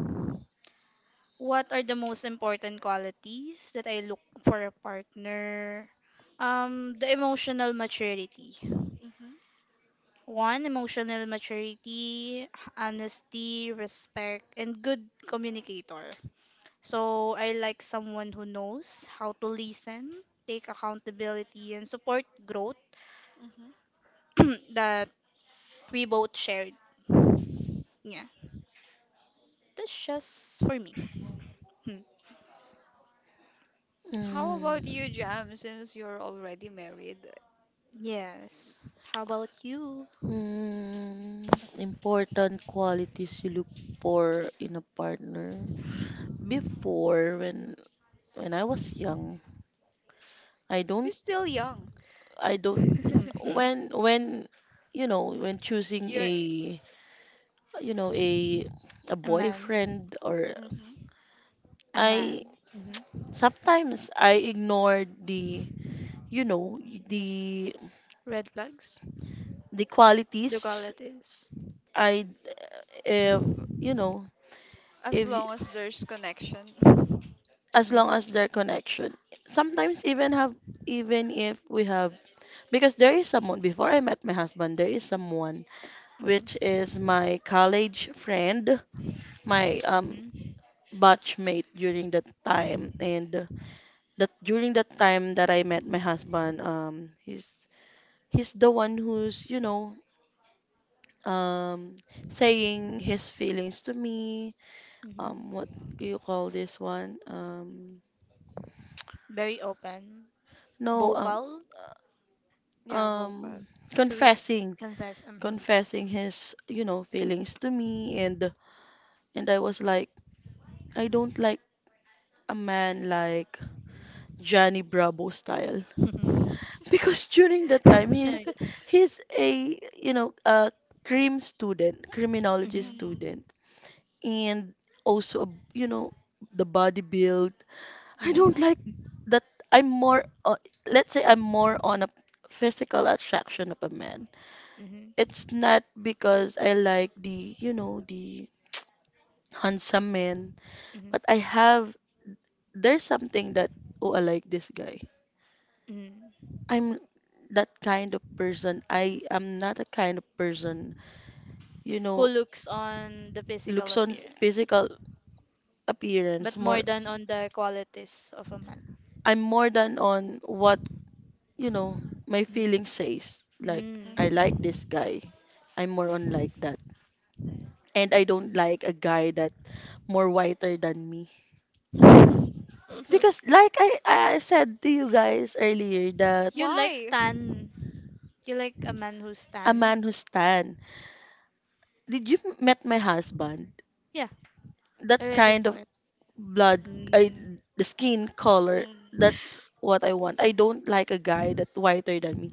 S2: What are the most important qualities that I look for a partner? The emotional maturity.
S1: Mm-hmm,
S2: One, emotional maturity, honesty, respect, and good communicator. So I like someone who knows how to listen, take accountability, and support growth
S1: mm-hmm.
S2: that we both shared. Yeah, that's just for me. Hmm.
S1: How about
S3: Mm,
S1: you, Jam? Since you're already married,
S2: Yes. How about you?
S3: mm, important qualities you look for in a partner. Before, when I was young, I
S1: you're
S3: don't
S1: still young.
S3: I don't in-
S2: Hmm. Mm.
S3: when you know, when choosing
S1: You're
S3: a, you know, a
S2: A man.
S3: boyfriend or
S1: hmm
S2: A man.
S3: I.
S2: Hmm.
S3: Sometimes I ignore the, you know, the
S2: Red flags.
S3: the
S2: The
S3: qualities.
S2: qualities.
S3: I, if you know,
S1: as
S3: if y-
S1: long as there's connection.
S3: as long
S2: Mm-hmm.
S3: as their connection. Sometimes even if we have, because there is someone before I met my husband, there is someone which
S2: Mm-hmm.
S3: is my college friend, my
S2: Mm-hmm.
S3: batchmate during that time. And that during that time that I met my husband, he's the one who's, you know, um saying his feelings to me,
S2: Mm-hmm.
S3: what do you call this one,
S2: Very open.
S3: no
S2: Vocal.
S3: uh,
S1: Yeah,
S3: um
S1: vocal.
S2: Sweet.
S3: confessing,
S2: Confess. Mm-hmm.
S3: confessing his, you know, feelings to me. And I was like, I don't like a man like Johnny Bravo style.
S2: Mm-hmm.
S3: Because during that time
S2: Shy.
S1: mm-hmm.
S3: he's a, you know, a criminology
S2: Mm-hmm.
S3: student, and also a, you know, the body build. I don't
S1: Mm-hmm.
S3: like
S2: Mm-hmm.
S3: that. I'm more let's say I'm more on a physical attraction of a man.
S2: Mm-hmm.
S3: It's not because I like the, you know, the handsome men,
S2: Mm-hmm.
S3: but I have there's something that, oh, I like this guy.
S2: Mm-hmm.
S3: I'm that kind of person. I am not a kind of person, you
S2: Who
S3: know,
S2: looks on the physical
S3: looks on
S2: appearance?
S3: physical appearance
S2: But more
S3: more.
S2: than on the qualities of a man.
S3: I'm more than on what, you know, my feeling says like,
S2: Mm.
S3: I like
S1: Mm-hmm.
S3: this guy. I'm more on like that. And I don't like a guy that more whiter than me.
S2: Mm.
S3: Because like I said to you guys earlier that
S2: You like
S1: Why?
S2: tan. You like a man who's
S3: a
S2: tan.
S3: man who's tan. Did you met my husband?
S2: Yeah,
S3: That
S2: I already
S3: kind
S2: saw
S3: of
S2: it.
S3: blood. I,
S2: Mm.
S3: the skin color,
S1: Mm.
S3: that's what I want. I don't like a guy that whiter than me.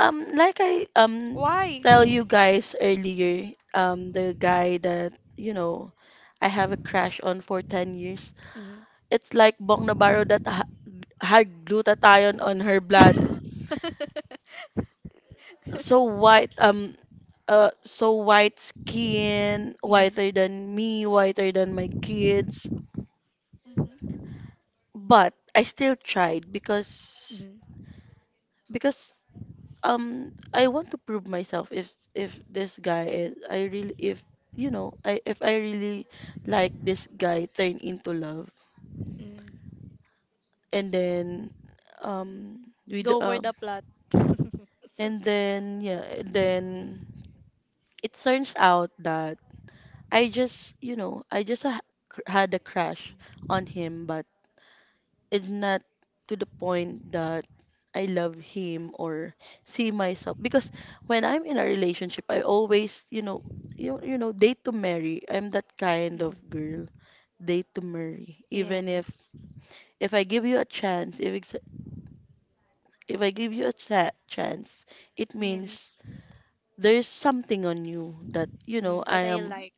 S3: Like I
S1: Why?
S3: tell you guys earlier, the guy that, you know, I have a crush on for 10 years.
S2: Mm.
S3: It's like Bong Navarro that ha had glutathione on her blood. So white um so white skin,
S2: Mm.
S3: whiter than me, whiter than my kids.
S1: Mhm.
S3: But I still tried because
S2: Mm.
S3: because I want to prove myself if this guy is I really if I if I really like this guy turn into love.
S2: Mm.
S3: And then we do,
S2: Go for the plot.
S3: and then yeah and then it turns out that I just I just had a crush on him, but it's not to the point that I love him or see myself. Because when I'm in a relationship, I always you know, date to marry. I'm that kind of
S2: Mhm.
S3: girl, date to marry, even if
S2: Yes,
S3: I give you a chance. If it's, if I give you a chance,
S2: it
S3: it means
S2: means
S3: there's something on you that
S2: mhm,
S3: I
S2: that I
S3: am.
S2: like.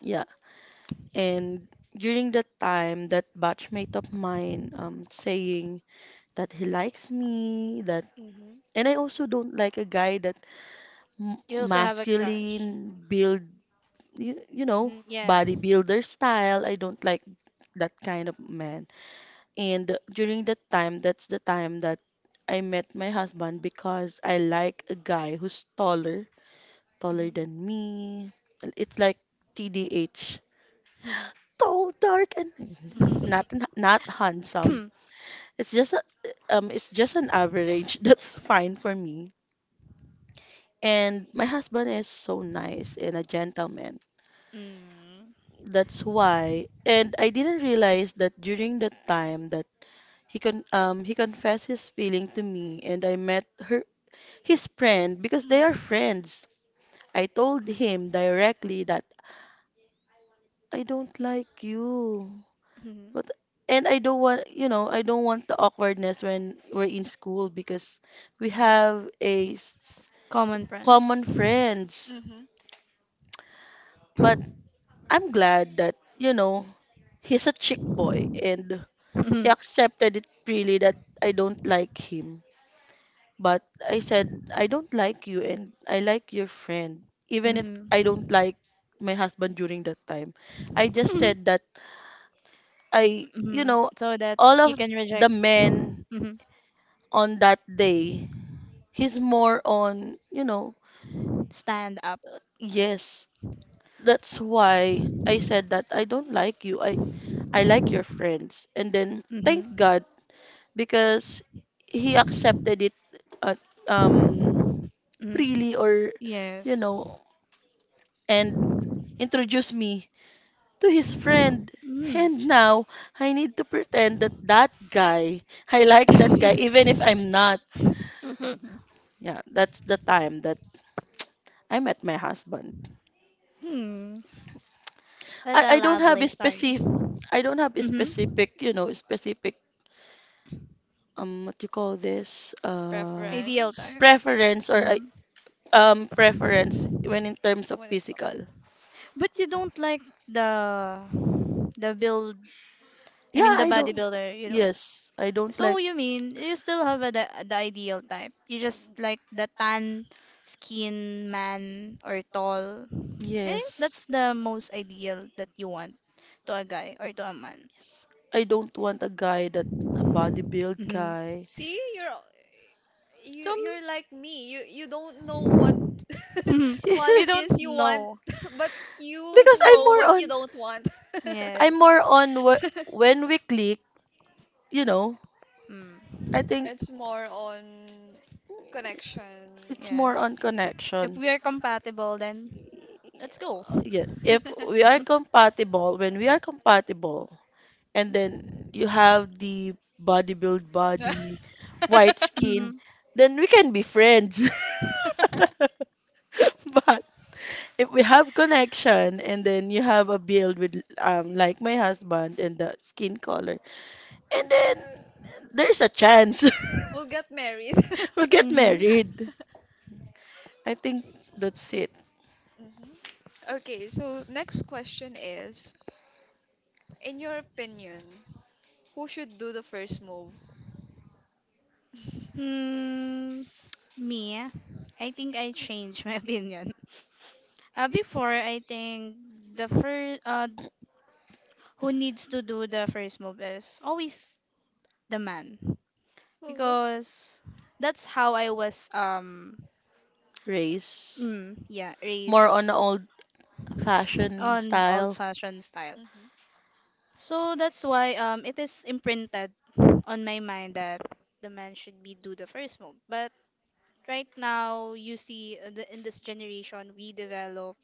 S3: Yeah. And during that time, that batchmate of mine saying that he likes me that.
S2: Hmm.
S3: And I also don't like a guy that m
S2: You also have a
S3: masculine
S2: crush.
S3: build, you know,
S2: Hmm. Yes.
S3: bodybuilder style. I don't like that kind of man. And during that time, that's the time that I met my husband, because I like a guy who's taller, taller
S2: Hmm.
S3: than me. It's like TDH, tall, dark, and not handsome. It's just a, it's just an average. That's fine for me. And my husband is so nice and a gentleman.
S2: Mm.
S3: That's why. And I didn't realize that during the time that he confessed his feeling to me, and I met her his friend, because they are
S1: Mm.
S3: friends. I told him directly that I don't like you.
S2: Mhm.
S3: But and I don't want, you know, I don't want the awkwardness when we're in school, because we
S2: Mhm.
S3: have
S2: Common
S3: common
S2: friends.
S3: friends.
S1: Mhm.
S3: But I'm glad that, he's a chick boy and he
S2: Mhm.
S3: accepted it freely that I don't like him. But I said, I don't like you and I like your friend. Even if
S2: Mhm.
S3: I don't like my husband during that time, I just said that I, you
S2: Mhm.
S3: know,
S2: So that
S3: all
S2: you
S3: of
S2: can
S3: the
S2: reject.
S3: men
S2: Mhm.
S3: on that day, he's more on,
S2: Stand up.
S3: yes, that's why I said that I don't like you. I like your friends. And then thank
S2: Mhm.
S3: God, because he accepted it uh, um
S2: Mhm.
S3: freely, or you
S2: Yes.
S3: know and introduced me to his friend.
S2: Mm.
S3: And now I need to pretend that that guy, I like that guy, even if I'm not.
S2: Mhm.
S3: Yeah, that's the time that I met my husband.
S2: Mm. What
S3: I,
S2: a
S3: I don't have
S2: lovely
S3: a
S2: story.
S3: specific, I don't have a
S2: Mhm.
S3: specific, you know, specific what you call this, uh
S2: Ideal
S1: Preference
S2: type.
S3: preference or I-
S2: Mhm.
S3: preference when in terms of
S1: when it comes
S3: physical.
S2: But you don't like the the build. I mean
S3: Yeah,
S2: the
S3: I don't.
S2: bodybuilder. You don't.
S3: Yes, I don't
S2: So
S3: like.
S2: you mean you still have a, the ideal type? You just like the tan skin man or tall. I think
S3: Yes.
S2: that's the most ideal that you want to a guy or to a man.
S3: I don't want a guy that a bodybuild
S2: Hmm.
S3: guy.
S1: See, you're you
S2: So
S1: you're like me. You don't know what
S2: mm, you don't
S1: qualities you want,
S2: know.
S1: but you
S3: Because
S1: know what you don't want.
S3: I'm
S2: Yes.
S3: more on when we click, you know,
S2: Mm,
S3: I think
S1: It's more on connection.
S3: it's more on
S2: yes. If
S3: connection.
S2: we are compatible, then let's go.
S3: Yeah, if we are compatible, when we are compatible, and then you have the bodybuild body, white skin,
S2: Mm-hmm.
S3: then we can be friends. But if we have connection, and then you have a build with like my husband and the skin color, and then there's a chance
S1: We'll get married.
S3: we'll get
S2: Mm-hmm. Mm-hmm.
S3: married. I think that's it.
S1: Mhm. Okay, so next question is, in your opinion, who should do the first move?
S2: Mm, me, I think I changed my opinion. Before, I think the first who needs to do the first move is always the man
S1: Mm-hmm.
S2: because that's how I was
S3: Race.
S2: mm, yeah
S3: More on
S2: raised
S3: the old fashion
S2: on
S3: style.
S2: old-fashioned style.
S1: mm-hmm.
S2: So that's why it is imprinted on my mind that the man should be do the first move. But right now, you see, the, in this generation, we develop,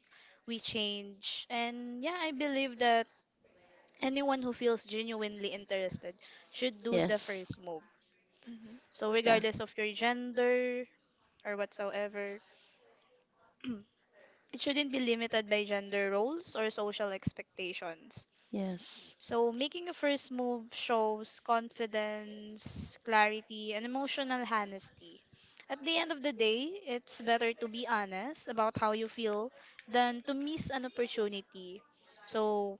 S2: we change, and yeah, I believe that anyone who feels genuinely interested should do the
S3: Yes.
S2: first move. So,
S3: Yeah.
S2: regardless of your gender or whatsoever, it shouldn't be limited by gender roles or social expectations.
S3: Yes.
S2: So, making a first move shows confidence, clarity, and emotional honesty. At the end of the day, it's better to be honest about how you feel than to miss an opportunity. So,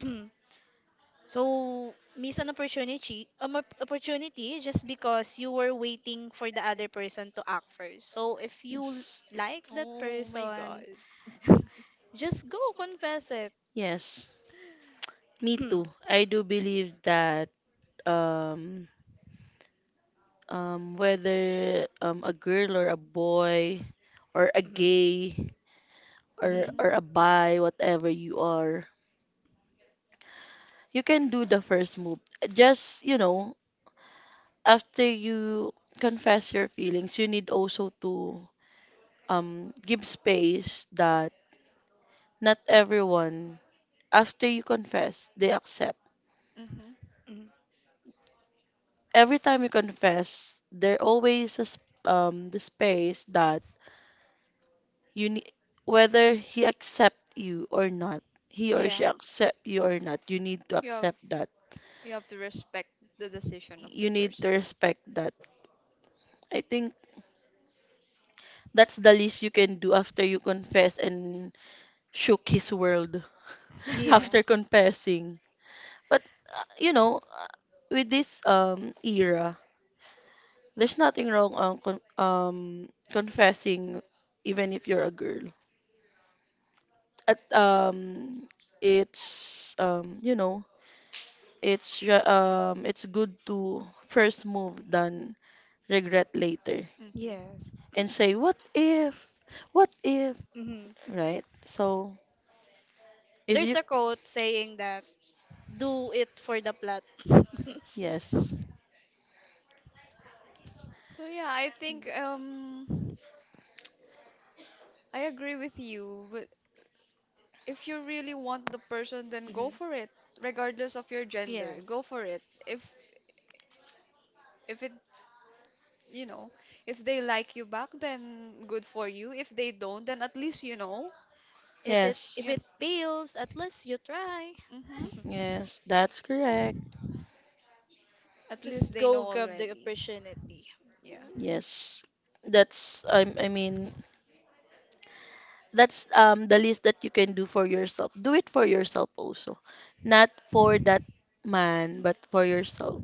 S2: so, miss an opportunity, opportunity just because you were waiting for the other person to act first. So, if you
S3: Yes.
S2: like that
S1: Oh my God.
S2: person, just go confess it.
S3: Yes, me too. I do believe that um, whether a girl or a boy or a
S2: Mm-hmm.
S3: gay,
S2: Mm-hmm.
S1: hmm
S3: or a bi, whatever you are, you can do the first move. Just, after you confess your feelings, you need also to give space that not everyone, after you confess, they accept.
S1: hmm
S2: Hmm.
S3: Every time you confess, there always is the space that you need, whether he accept you or not, he or she
S2: Yeah.
S3: accept you or not, you need to
S1: You have
S3: accept that.
S1: you have to respect the decision of the
S3: You need to
S1: person.
S3: respect that. I think that's the least you can do after you confess and shook his world
S2: Yeah.
S3: after confessing. But uh, you know, uh, with this era, there's nothing wrong on confessing, even if you're a girl. At it's it's good to first move than regret later
S1: hmm
S2: Yes.
S3: and say what if, what if
S2: Mm-hmm.
S3: right? so if
S2: There's
S3: you
S2: a quote saying that do it for the plot.
S3: Yes.
S1: So yeah, I think
S2: Mm-hmm.
S1: um I agree with you, but if you really want the person, then go for it, regardless of your gender. Go
S2: Yes.
S1: for it. If you know, if they like you back, then good for you. If they don't, then at least you know.
S2: It if
S3: Yes.
S1: You,
S2: it fails, at least you try.
S1: hmm
S3: Yes, that's correct.
S1: At least
S2: Just
S1: they
S2: go
S1: know
S2: grab the
S1: already.
S2: opportunity.
S1: Yeah.
S3: Yes. That's, I mean, that's the least that you can do for yourself. Do it for yourself also, not for that man, but for yourself,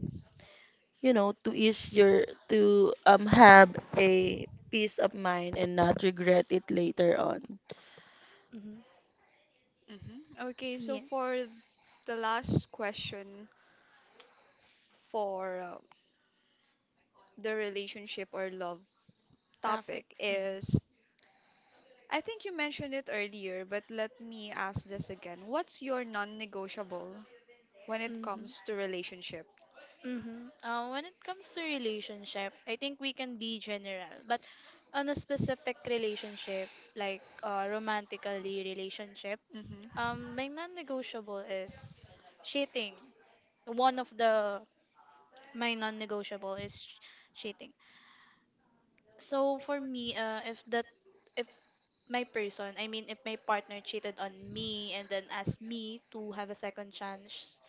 S3: to ease your, to have a peace of mind and not regret it later on.
S2: Mm-hmm.
S1: hmm Okay, so
S2: Yeah,
S1: for the last question for the relationship or love
S2: perfect.
S1: topic is I think you mentioned it earlier, but let me ask this again. What's your non-negotiable when it
S2: Mm-hmm.
S1: comes to relationship?
S2: Mm-hmm. When it comes to relationship, I think we can be general, but on a specific relationship, like romantically relationship,
S1: Mm-hmm.
S2: my non-negotiable is cheating. One of the my non-negotiable is cheating. So for me, if that my person. I mean, if my partner cheated on me and then asked me to have a second chance,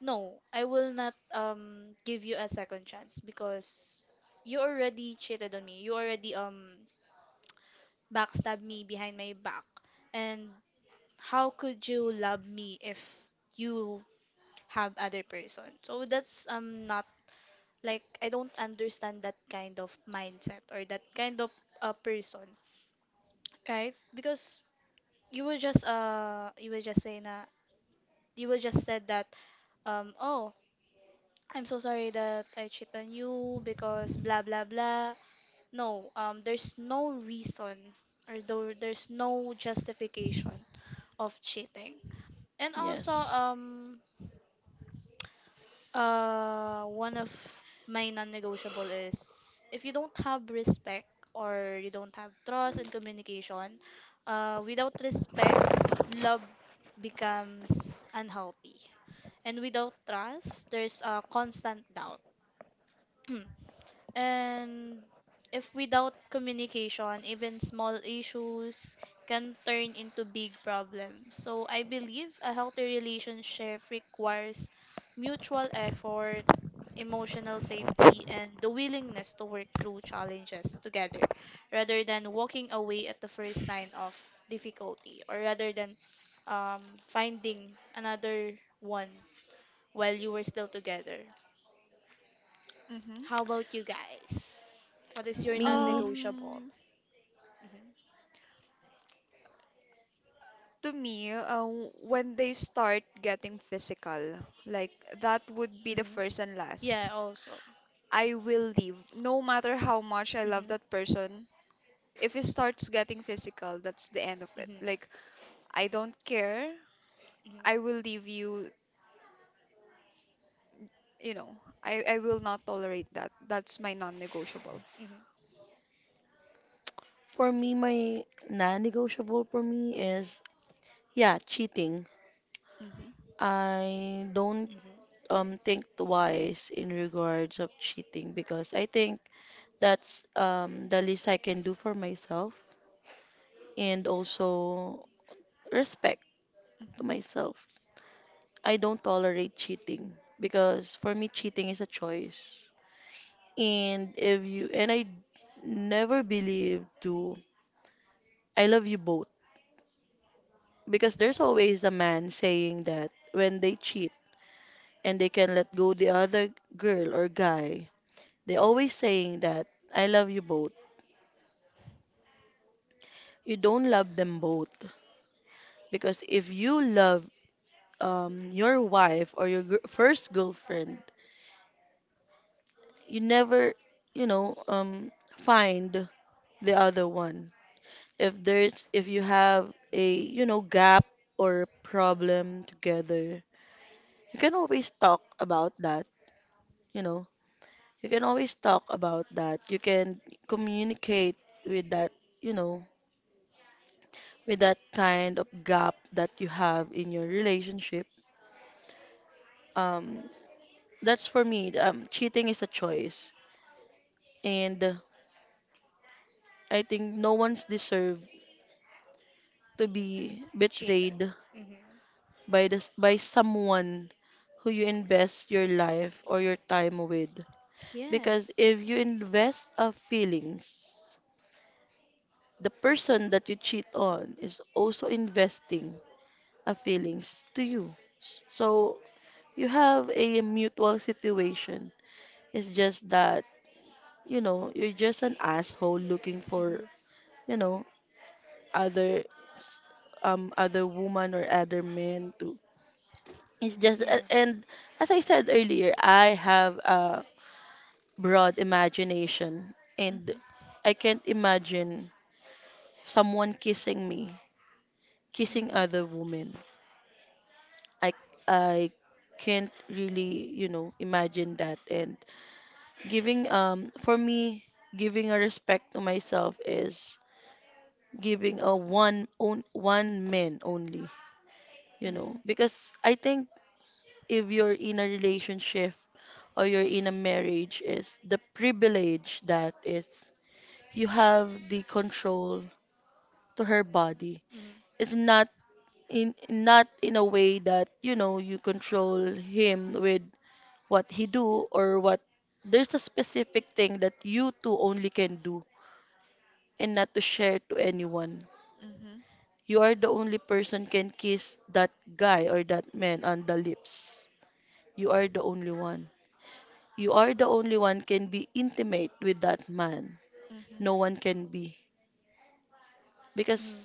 S2: no, I will not give you a second chance because you already cheated on me. You already backstabbed me behind my back. And how could you love me if you have other person? So that's not like I don't understand that kind of mindset or that kind of a person, right? Because you will just say na you will just said that oh, I'm so sorry that I cheat on you because blah blah blah. No, there's no reason or there's no justification of cheating. And also
S3: Yes.
S2: uh, one of my non-negotiable is if you don't have respect or you don't have trust and communication. Uh, without respect, love becomes unhealthy. And without trust, there's a constant doubt. And if without communication, even small issues can turn into big problems. So I believe a healthy relationship requires mutual effort, emotional safety, and the willingness to work through challenges together rather than walking away at the first sign of difficulty, or rather than finding another one while you were still together.
S1: Mm-hmm.
S2: How about you guys? What is your
S3: Me,
S2: non-negotiable?
S1: Um,
S2: Mm-hmm.
S1: to me, when they start getting physical, like that would be the
S2: Mm-hmm.
S1: first and last.
S2: Yeah, also.
S1: I will leave, no matter how much I love
S2: Mm-hmm.
S1: that person. If it starts getting physical, that's the end of it.
S2: Mm-hmm.
S1: Like, I don't care. I will
S2: Mm-hmm.
S1: leave you, you know, I will not tolerate that. That's my non-negotiable.
S2: Mm-hmm.
S3: for me, my non-negotiable for me is, yeah, cheating.
S1: Mm-hmm.
S3: I don't
S2: Mm-hmm.
S3: think twice in regards of cheating, because I think that's the least I can do for myself and also respect to
S1: Mm-hmm.
S3: myself. I don't tolerate cheating, because for me cheating is a choice. And if you and I never believe to I love you both, because there's
S1: Mm-hmm.
S3: always a man saying that when they cheat and they can let go the other girl or guy, they always saying that I love you both. You don't love them both, because if you love, your wife or your first girlfriend, you never, you know, um, find the other one. If there's if you have a gap or problem together, you can always talk about that, you know you can always talk about that, you can communicate with that, you know with that kind of gap that you have in your relationship. um that's for me, cheating is a choice. And I think no one's deserved to be
S2: Cheated.
S3: betrayed
S2: Mm-hmm.
S3: by someone who you invest your life or your time with. Because
S2: Yes.
S3: if you invest of feelings, the person that you cheat on is also investing of feelings to you. So you have a mutual situation. It's just that, you're just an asshole looking for,
S2: Mm-hmm.
S3: you know, other s- other woman or other men to. It's just a-
S2: Yes.
S3: and as I said earlier, I have a broad imagination, and
S1: Mm-hmm.
S3: I can't imagine someone kissing me, kissing
S2: Mm-hmm.
S3: other women. I I can't really, imagine that. And giving, for me, giving a respect to myself is giving a one on one man only,
S1: Mm-hmm. Mm-hmm.
S3: because I think if you're in a relationship or you're in a marriage, is the privilege that is you have the control to her body.
S2: Mm-hmm.
S3: It's not in not in a way that you control him with what he do or what. There's a specific thing that you two only can do and not to share to anyone.
S1: Mm-hmm. Mm-hmm.
S3: You are the only person can kiss that guy or that man on the lips. You are the only one you are the only one can be intimate with that
S1: Mm-hmm.
S3: man.
S1: Mm-hmm. Mm-hmm. Mm-hmm. Mm-hmm.
S3: No one can be, because
S2: Mm-hmm.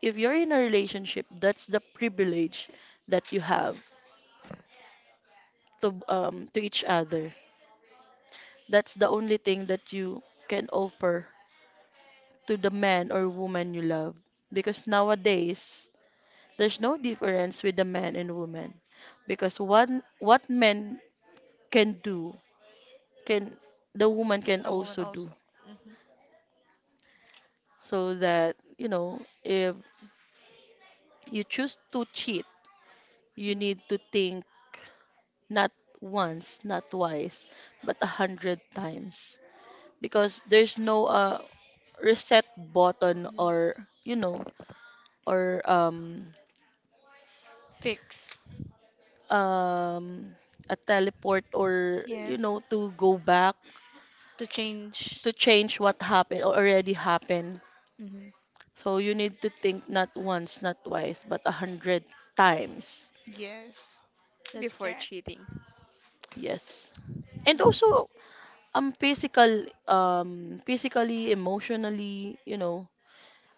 S3: if you're in a relationship, that's the privilege that you have to each other. That's the only thing that you can offer to the man or woman you love. Because nowadays, there's no difference with the man and woman. Because what men can do, can the woman can
S1: A woman
S3: also do.
S1: also. Mm-hmm.
S3: So that, if you choose to cheat, you
S2: Mm-hmm. Mm-hmm.
S3: need to think not once, not twice, but a hundred times. Because there's no reset button, or, you know, or
S2: Fix.
S3: um a teleport, or
S2: Yes.
S3: to go back
S2: To change.
S3: to change what happened already happened.
S2: Mm-hmm.
S3: So you need to think not once, not twice, but a hundred times.
S2: Yes. That's
S1: Before
S2: correct.
S1: cheating.
S3: Yes. And
S1: Mhm.
S3: also physically, emotionally,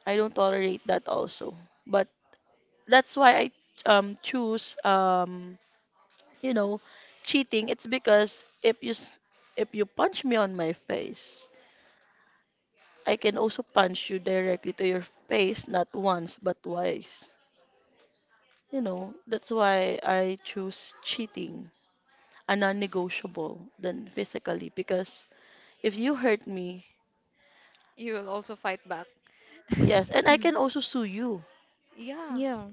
S3: I don't tolerate that also. But that's why I choose, you know cheating. It's because if you if you punch me on my face, I can also punch you directly to your face, not once, but twice. You know, that's why I choose cheating, a non-negotiable than physically, because if you hurt me,
S1: You will also fight back.
S3: yes, and I
S2: Mm-hmm.
S3: can also sue you,
S1: Yeah.
S2: Yeah.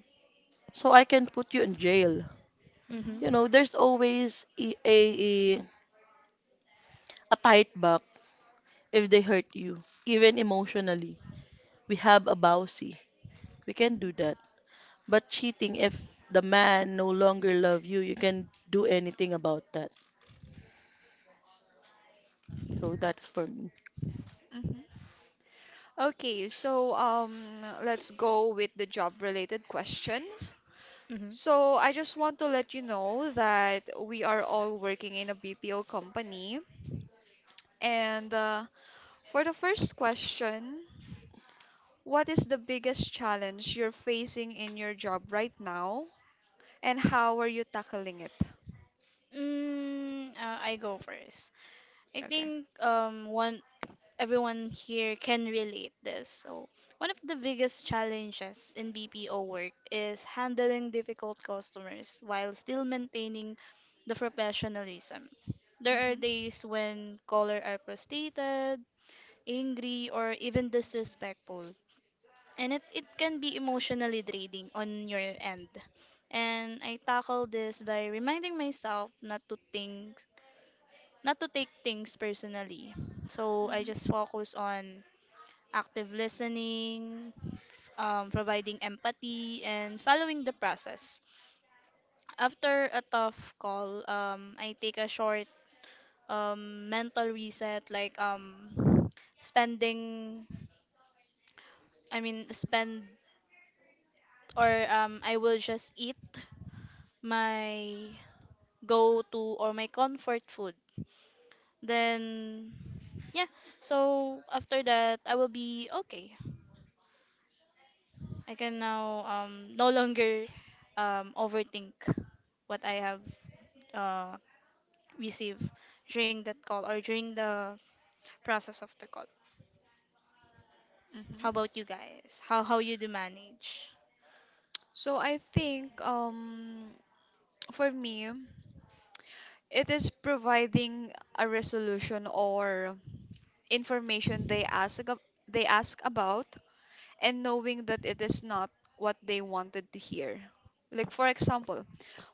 S3: so I can put you in jail.
S2: Mm-hmm.
S1: Mm-hmm.
S3: You know, there's always a, a fight back if they hurt you, even emotionally. We have a bousy. We can do
S1: Mm-hmm.
S3: that. But cheating, if the man no longer love you, you can do anything about that. So that's for me.
S1: Mm-hmm. Okay, so let's go with the job-related questions.
S2: Mm-hmm.
S1: So I just want to let you know that we are all working in a BPO company. And for the first question, what is the biggest challenge you're facing in your job right now, and how are you tackling it?
S2: I go first. I
S1: Okay.
S2: think one everyone here can relate this. So one of the biggest challenges in BPO work is handling difficult customers while still maintaining the professionalism. There are
S1: hmm
S2: days when callers are frustrated, angry, or even disrespectful. And it can be emotionally draining on your end. And I tackle this by reminding myself not to take things personally. So I
S1: hmm
S2: just focus on active listening, providing empathy, and following the process. After a tough call, I take a short mental reset, like spending, spend, or I will just eat my go to or my comfort food. Then, yeah, so after that, I will be okay. I can now no longer overthink what I have uh received during that call or during the process of the call. How
S1: hmm
S2: about you guys? How you do manage?
S1: So I think for me, it is providing a resolution or information they ask about and knowing that it is not what they wanted to hear. Like for example,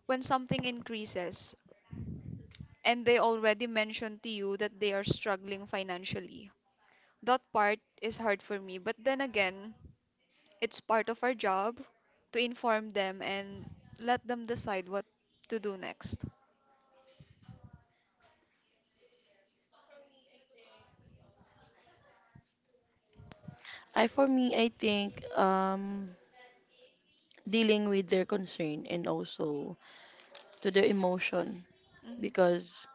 S1: when something increases and they already mentioned to you that they are struggling financially. That part is hard for me, but then again, it's part of our job to inform them and let them decide what to do next.
S3: I For me, I think dealing with their concern and also to their emotion.
S1: Mhm.
S3: Because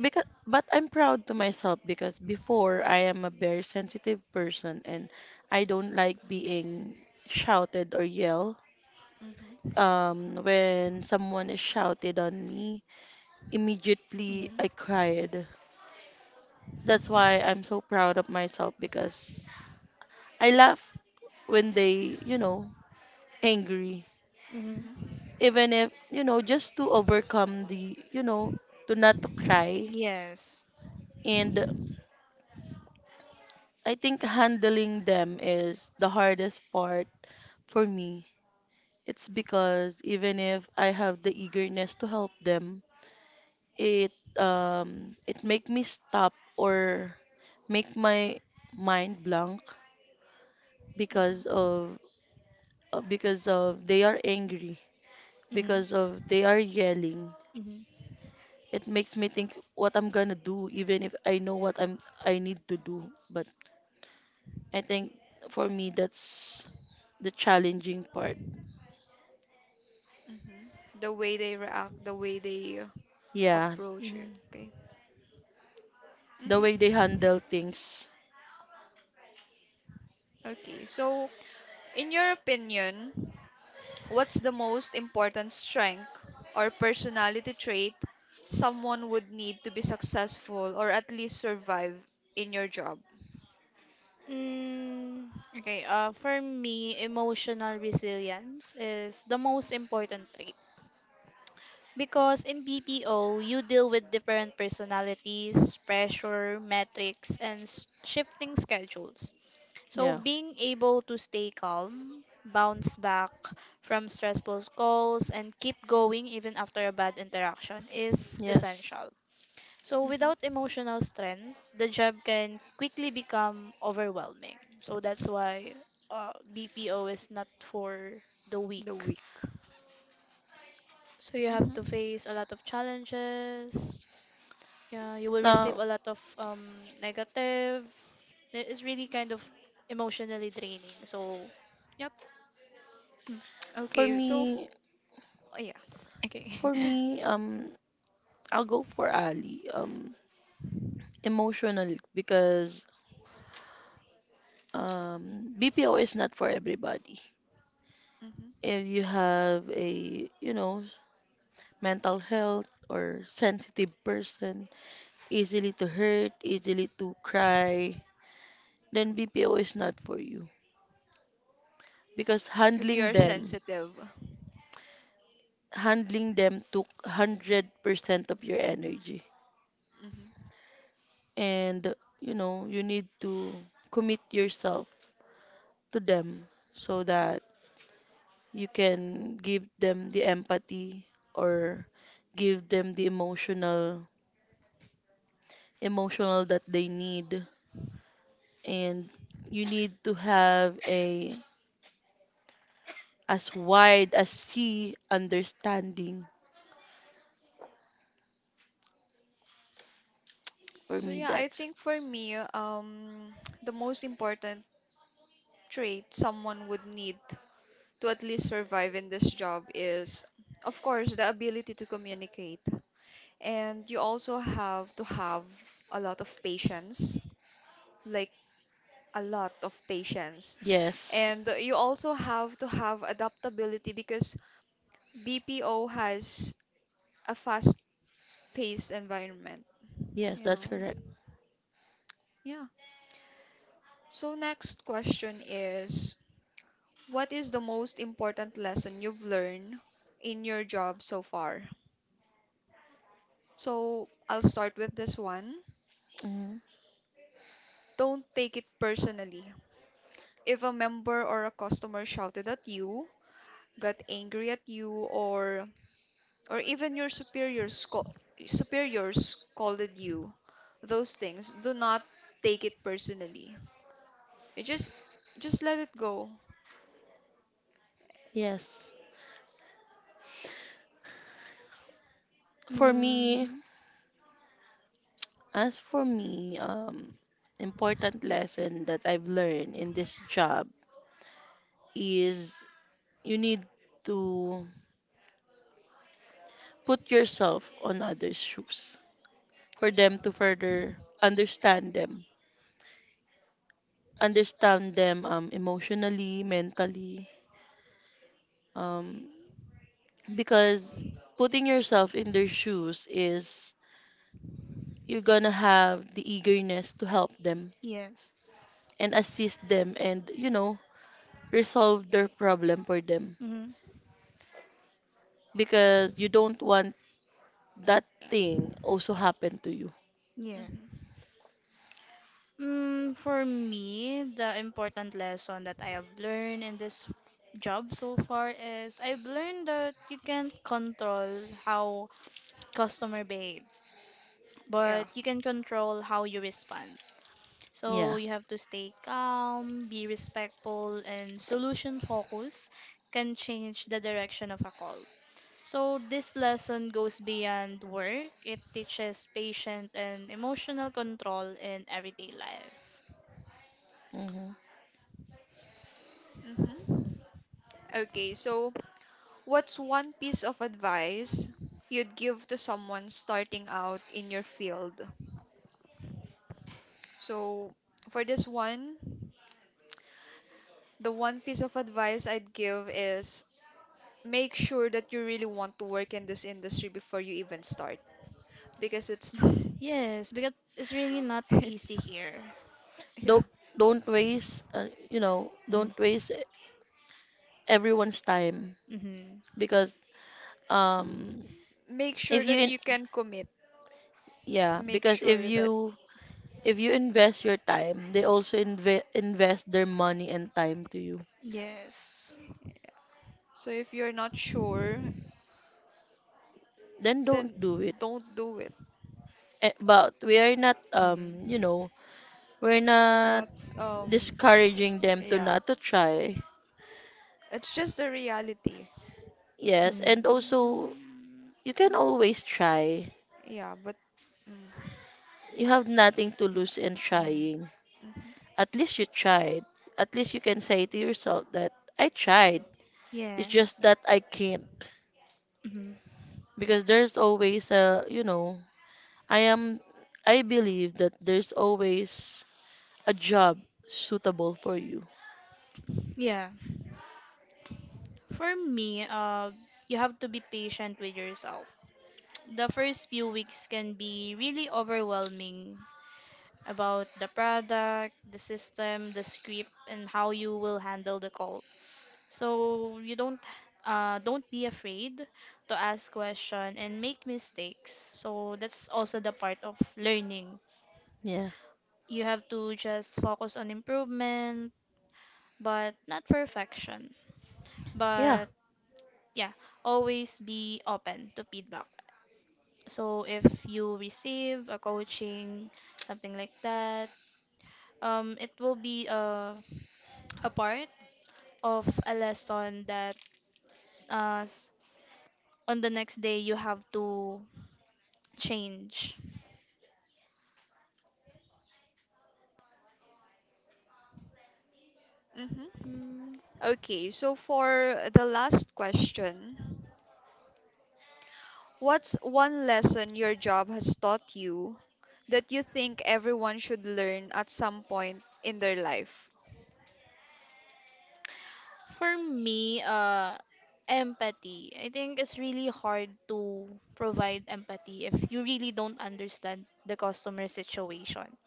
S3: but I'm proud to myself, because before I am a very sensitive person and I don't like being shouted or yelled.
S1: Mhm.
S3: When someone is shouted on me, immediately
S2: Mm-hmm.
S3: I cried. That's why I'm so proud of myself, because I laugh when they, angry.
S2: Mm-hmm.
S1: Mhm.
S3: Even if just to overcome the, to not to cry.
S2: Yes.
S3: And I think handling them is the hardest part for me. It's because even if I have the eagerness to help them, it it make me stop or make my mind blank, because
S1: hmm
S3: of, they are angry,
S2: Mm-hmm.
S3: because of they are yelling.
S2: Mm-hmm.
S3: It makes me think what I'm gonna do, even if I know what I need to do. But I think for me that's the challenging part.
S1: hmm The way they react, the way they
S3: Yeah,
S1: approach it.
S2: Mm-hmm.
S1: Okay.
S3: the way
S1: hmm
S3: they handle things.
S1: Okay. So, in your opinion, what's the most important strength or personality trait someone would need to be successful or at least survive in your job?
S2: Mm, okay, for me, emotional resilience is the most important. Because in BPO, you deal with different personalities, pressure, metrics, and shifting schedules. So,
S3: Yeah.
S2: being able to stay calm, bounce back from stressful calls, and keep going even after a bad interaction is
S3: Yes.
S2: essential. So, without
S1: Hmm
S2: emotional strength, the job can quickly become overwhelming. So, that's why BPO is not for the
S1: The
S2: weak.
S1: weak.
S2: So, you have to
S1: Hmm
S2: face a lot of challenges. Yeah, you will receive
S3: Now,
S2: a lot of negative. It is really kind of emotionally draining. So, yep. Mm,
S3: for
S1: Okay.
S3: me,
S1: Oh, yeah.
S2: okay.
S3: for me, I'll go for Ali. Emotional, because BPO is not for everybody.
S1: hmm
S3: If you have a, mental health or sensitive person, easily to hurt, easily to cry, then BPO is not for you. Because
S1: If you are sensitive.
S3: handling them took 100% of your energy.
S1: Hmm
S3: And, you know, you need to commit yourself to them so that you can give them the empathy or give them the emotional that they need and you need to have a as wide as sea understanding for
S1: So
S3: me,
S1: yeah, I
S3: that's
S1: think for me, the most important trait someone would need to at least survive in this job is, of course, the ability to communicate. And you also have to have a lot of patience, like a lot of patience.
S3: yes.
S1: And you also have to have adaptability because BPO has a fast-paced environment,
S3: Yes,
S1: you
S3: that's
S1: know.
S3: correct.
S1: Yeah. So next question is, what is the most important lesson you've learned in your job so far? So I'll start with this one.
S3: Hmm.
S1: Don't take it personally. If a member or a customer shouted at you, got angry at you, or or even your superiors scolded you, those things, do not take it personally. You just let it go.
S3: Yes. For me,
S2: Mm-hmm.
S3: as for me, important lesson that I've learned in this job is you need to put yourself on others' shoes for them to further understand them, understand them, emotionally, mentally, um, because putting yourself in their shoes is you're gonna have the eagerness to help them
S2: Yes.
S3: and assist them and, you know, resolve their problem for them
S2: Mm-hmm.
S3: because you don't want that thing also happen to you.
S2: Yeah.
S1: Hmm
S2: Mm, for me, the important lesson that I have learned in this job so far is I've learned that you can't control how customer behave, but
S1: Yeah.
S2: you can control how you respond. So
S3: Yeah.
S2: you have to stay calm, be respectful, and solution focus can change the direction of a call. So this lesson goes beyond work. It teaches patient and emotional control in everyday life.
S3: Hmm.
S1: hmm Okay, so what's one piece of advice you'd give to someone starting out in your field? So for this one, the one piece of advice I'd give is make sure that you really want to work in this industry before you even start because it's not,
S2: Yes, because it's really not
S1: it's
S2: easy
S1: not,
S2: here.
S1: yeah.
S3: Don't don't waste, you know,
S2: Mhm.
S3: don't waste everyone's time
S2: Mhm.
S3: because um
S1: Make
S3: if
S1: sure
S3: you
S1: that
S3: in,
S1: you can commit.
S3: yeah,
S1: Make
S3: because
S1: sure that
S3: if you invest your time, they also invest their money and time to you.
S2: Yes.
S1: so if you're not sure,
S3: Then don't
S1: then
S3: do it.
S1: don't do it.
S3: But we are not
S2: Mhm.
S3: you know we're
S1: Or
S3: not
S1: not um
S3: discouraging them to
S1: yeah.
S3: not to try.
S1: It's just the reality.
S3: Yes,
S2: Mhm.
S3: and also you can always try.
S1: Yeah, but mm,
S3: You have nothing to lose in
S2: Mhm.
S3: trying.
S1: mhm.
S3: At least you tried. At least you can say to yourself that I tried. It's
S2: Yes.
S3: just that I can't,
S2: Mhm.
S3: because there's always a, I am, I believe that there's always a job suitable for you.
S2: Yeah. For me, you have to be patient with yourself. The first few weeks can be really overwhelming about the product, the system, the script, and how you will handle the call. So you don't be afraid to ask question and make mistakes. So that's also the part of learning.
S3: Yeah.
S2: You have to just focus on improvement, but not perfection.
S3: Yeah.
S2: But yeah, always be open to feedback. So if you receive a coaching, something like that, it will be a part of a lesson that uh, s- on the next day you have to change.
S1: Mhm.
S2: Mm,
S1: Okay, so for the last question, what's one lesson your job has taught you that you think everyone should learn at some point in their life?
S2: for me, empathy. I think it's really hard to provide empathy if you really don't understand the customer situation.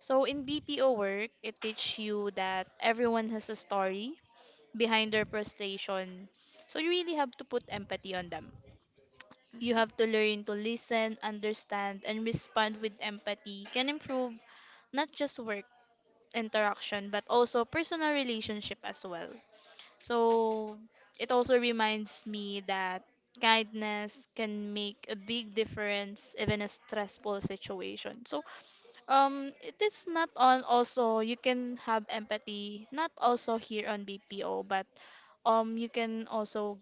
S2: So in BPO work, it teaches you that everyone has a story behind their frustration. So you really have to put empathy on them. You have
S1: Mhm.
S2: to learn to listen, understand, and respond with empathy can improve not just work interaction but also personal relationship as well. So it also reminds me that kindness can make a big difference even a stressful situation. So it is not on also you can have empathy not also here on BPO, but you can also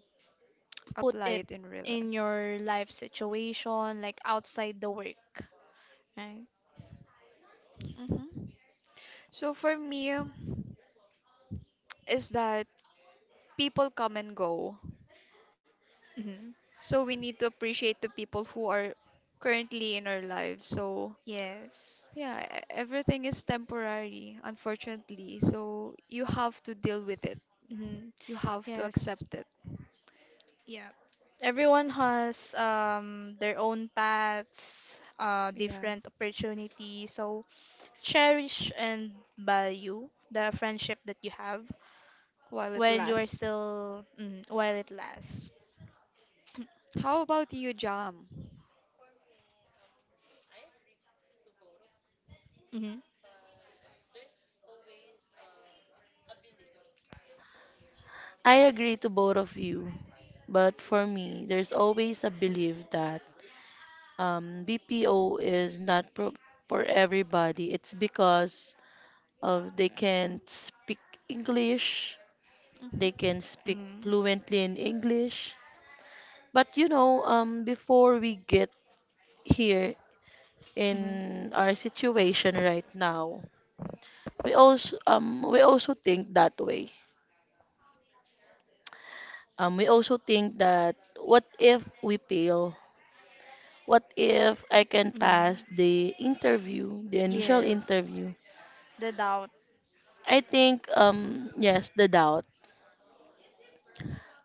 S2: put
S1: Apply
S2: it
S1: it in real
S2: in
S1: life.
S2: your life situation, like outside the work, right?
S1: Mhm. So for me, is that people come and go.
S2: Hmm.
S1: So we need to appreciate the people who are currently in our lives. So
S2: Yes.
S1: yeah, everything is temporary, unfortunately. So you have to deal with it.
S2: Hmm.
S1: You have to
S2: Yes.
S1: accept it.
S2: Yeah. Everyone has their own paths,
S1: Yeah,
S2: different opportunities. So cherish and value the friendship that you have
S1: while it
S2: while you are
S1: lasts.
S2: still mm, while it lasts.
S1: How about you, Jam?
S2: Hmm.
S3: I agree to both of you, but for me, there's always a belief that, BPO is not pro for everybody. It's because of they can speak English, they
S1: Mhm,
S3: can speak
S2: Hmm.
S3: fluently in English. But you know, before we get here
S2: Hmm.
S3: in our situation right now, we also think that way. We also think that, what if we fail? What if I can pass
S2: Hmm.
S3: the interview, the initial
S2: Yes,
S3: interview?
S2: the doubt.
S3: I think, yes, the doubt.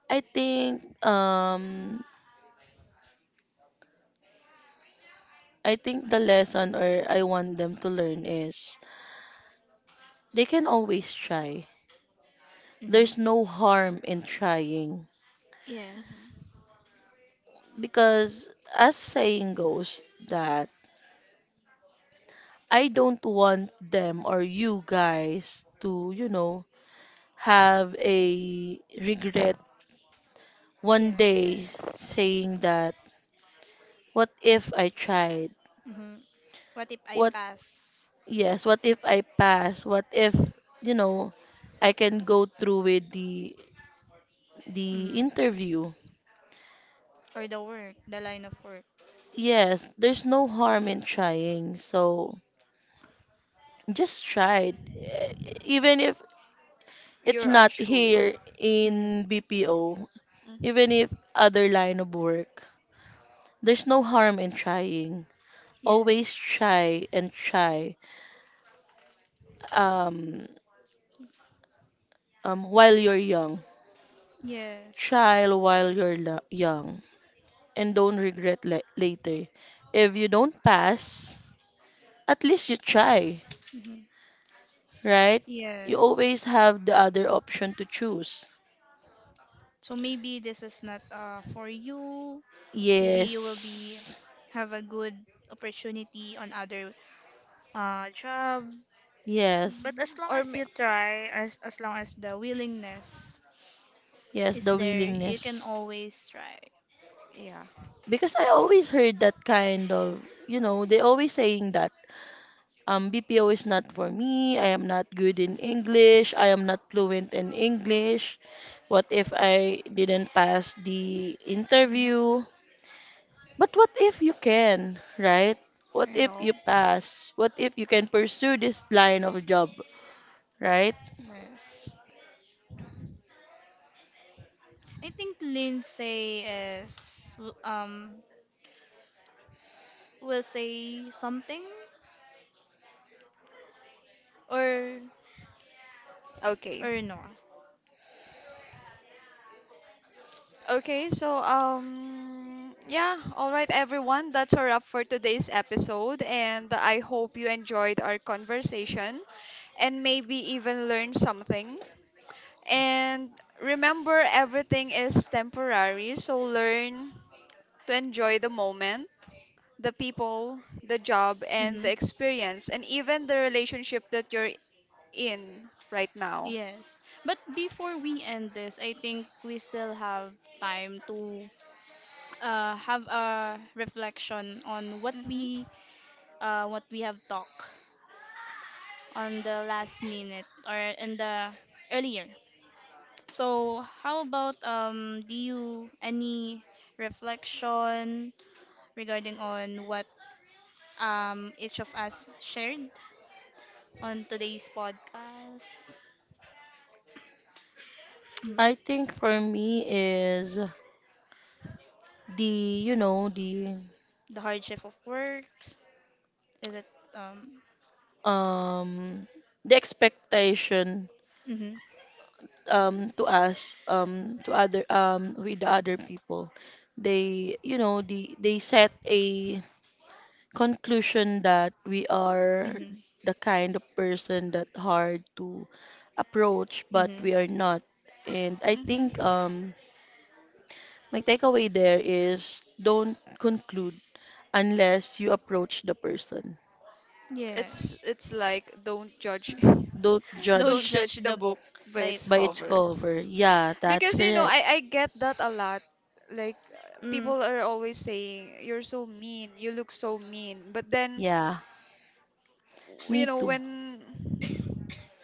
S3: I think um I think the lesson, or I want them to learn, is they can always try.
S2: Hmm.
S3: There's no harm in trying
S2: Yes.
S1: mhm.
S3: because as saying goes that I don't want them or you guys to, you know, have a regret one
S2: Yes.
S3: day saying that, what if I tried?
S2: Hmm. What if I
S3: What,
S2: pass?
S3: yes, what if I pass? What if, you know, I can go through with the
S2: Hmm.
S3: interview?
S2: Or the work, the line of work.
S3: Yes, there's no harm in
S2: Hmm.
S3: trying. So just try Even if it's
S1: You're
S3: not
S1: unsure.
S3: here
S2: Hmm.
S3: in BPO, even if other line of work, there's no harm in trying. Always
S2: Yes.
S3: try and try. Um, while you're young,
S2: Yes.
S3: try while you're young, and don't regret later. If you don't pass, at least you try,
S2: Hmm.
S3: right? You
S2: Yes.
S3: always have the other option to choose.
S2: So maybe this is not for you. Maybe you will be
S3: Yes.
S2: have a good opportunity on other jobs.
S3: Yes.
S2: But
S1: Mm-hmm.
S2: as long
S1: Or
S2: as
S1: may-
S2: you try, as long as the willingness
S3: Yes,
S2: is
S3: the
S2: there, you can
S3: willingness.
S2: always try.
S1: yeah,
S3: Because I always heard that kind of, you know, they always saying that BPO is not for me. I am not good in English. I am not fluent in English. What if I didn't pass the
S2: Hmm.
S3: interview? But what if you can, right? What
S1: you
S3: if
S1: know.
S3: you pass? What if you can pursue this line of job, right?
S2: Yes. I think Lindsay is will say something or
S1: Okay.
S2: or no.
S1: Okay, so yeah, all right everyone, that's a wrap for today's episode and I hope you enjoyed our conversation and maybe even learned something. And remember everything is temporary, so learn to enjoy the moment, the people, the job and
S2: Mm-hmm.
S1: the experience and even the relationship that you're in right now.
S2: Yes. But before we end this, I think we still have time to have a reflection on
S1: Hmm
S2: what we have talked on the last minute or in the earlier. So how about do you any reflection regarding on what each of us shared on today's podcast. Mm,
S3: I think for me is the, you know,
S2: the hardship of work. Is it? Um,
S3: um the expectation
S2: mm-hmm,
S3: to us, to other, with the other people. They, you know, they set a conclusion that we are
S2: mm-hmm,
S3: the kind of person that hard to approach, but
S2: mm-hmm.
S3: we are not. And I think,
S1: hmm
S3: my takeaway there is don't conclude unless you approach the person.
S2: Yes.
S1: It's like don't judge
S3: Don't
S2: Don't
S1: don't
S3: judge
S2: judge
S1: judge the
S2: the
S1: book
S2: book
S1: by
S2: by
S1: its
S2: its
S3: by its
S2: cover.
S1: cover.
S3: cover. Yeah, that's
S1: Because you know,
S3: correct.
S1: I get that a lot. Like
S2: Mm,
S1: people are always saying you're so mean, you look so mean. But then
S3: Yeah,
S1: you
S3: me
S1: know
S3: too.
S1: when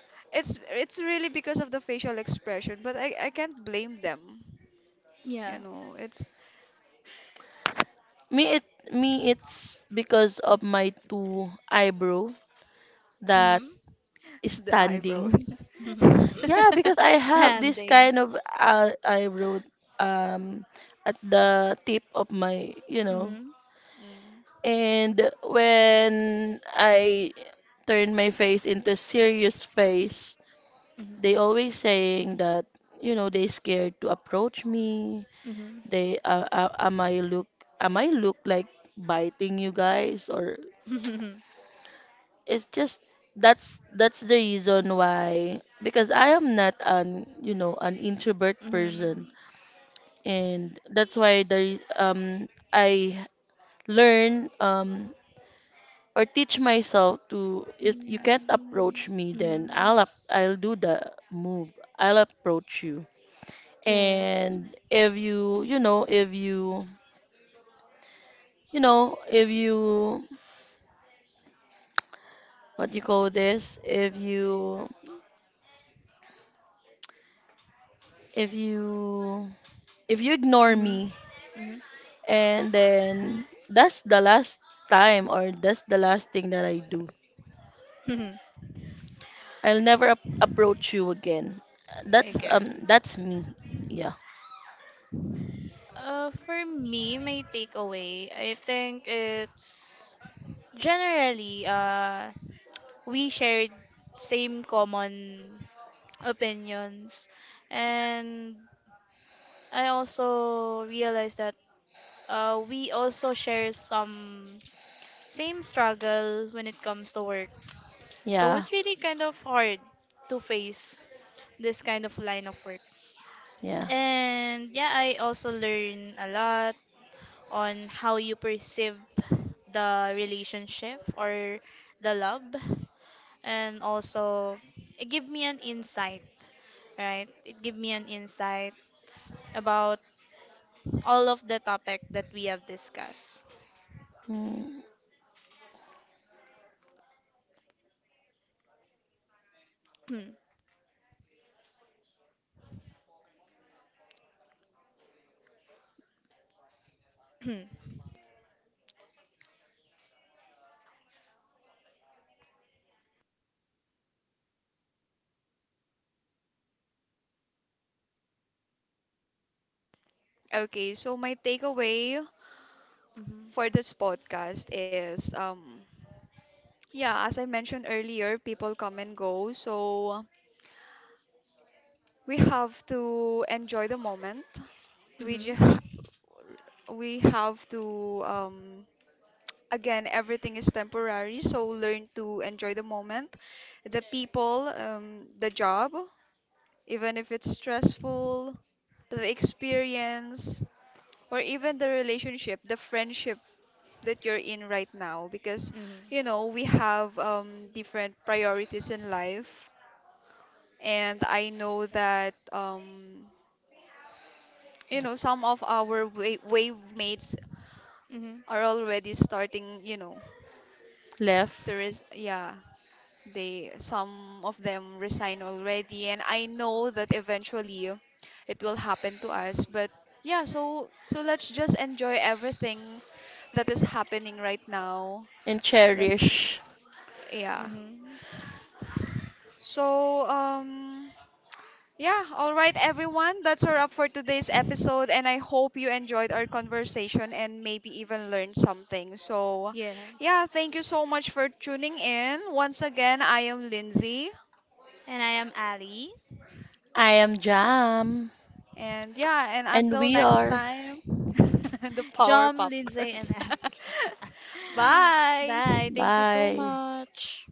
S1: it's really because of the facial expression, but I can't blame them. You
S2: yeah.
S1: know, it's
S3: Me it me it's because of my two eyebrow that
S2: Mm-hmm.
S3: is
S1: the eyebrow.
S3: standing. Yeah, because I have this
S2: Standing.
S3: kind of, eyebrow um at the tip of my, you know.
S2: Mm-hmm.
S1: Mm.
S3: And when I turn my face into serious face,
S2: Mm-hmm.
S3: they always saying that, you know, they scared to approach me. They, am I look like biting you guys? Or
S2: Mm-hmm.
S3: it's just that's the reason why, because I am not an, you know, an introvert person.
S2: Mm-hmm.
S3: And that's why I learn or teach myself to, if you can't approach me, then
S2: Mm-hmm.
S3: I'll do the move. I'll approach you.
S2: Yes.
S3: And if you, you know, if you, you know, if you, what you call this, if you if you ignore
S2: Mm-hmm.
S3: me, and then that's the last time, or that's the last thing that I do,
S2: Mm-hmm.
S3: I'll never approach you again. That's,
S1: Okay.
S2: Again.
S3: that's me. Yeah.
S2: For me, my takeaway, I think it's generally we shared same common opinions, and I also realized that we also share some same struggle when it comes to work. So
S3: Yeah.
S2: it's really kind of hard to face this kind of line of work.
S3: Yeah.
S2: And yeah, I also learn a lot on how you perceive the relationship or the love, and also it give me an insight right it give me an insight about all of the topic that we have discussed.
S3: Mm.
S2: Mhm,
S1: Okay, so my takeaway
S2: mhm,
S1: for this podcast is yeah, as I mentioned earlier, people come and go, so we have to enjoy the moment. We
S2: mhm,
S1: just we have to again everything is temporary, so learn to enjoy the moment, the people, the job, even if it's stressful, the experience or even the relationship, the friendship that you're in right now because
S2: mhm,
S1: you know we have different priorities in life and I know that you know some of our wave mates
S2: mhm.
S1: are already starting you know
S3: Left
S1: there is yeah they some of them resign already and I know that eventually it will happen to us but yeah so so let's just enjoy everything that is happening right now
S3: and
S1: let's
S3: cherish.
S1: yeah
S2: Mhm.
S1: so yeah, all right, everyone. That's a wrap for today's episode, and I hope you enjoyed our conversation and maybe even learned something. So,
S2: Yes,
S1: yeah, thank you so much for tuning in. Once again, I am Lindsay,
S2: and I am Ali.
S3: I am Jam
S1: and yeah, and
S3: and
S1: until
S3: we
S1: next
S3: are.
S1: time, the Power
S2: John,
S1: Pop
S2: Lindsay, and
S1: Girls.
S2: Ali. Bye,
S1: Bye.
S2: thank you so
S3: Bye.
S2: much.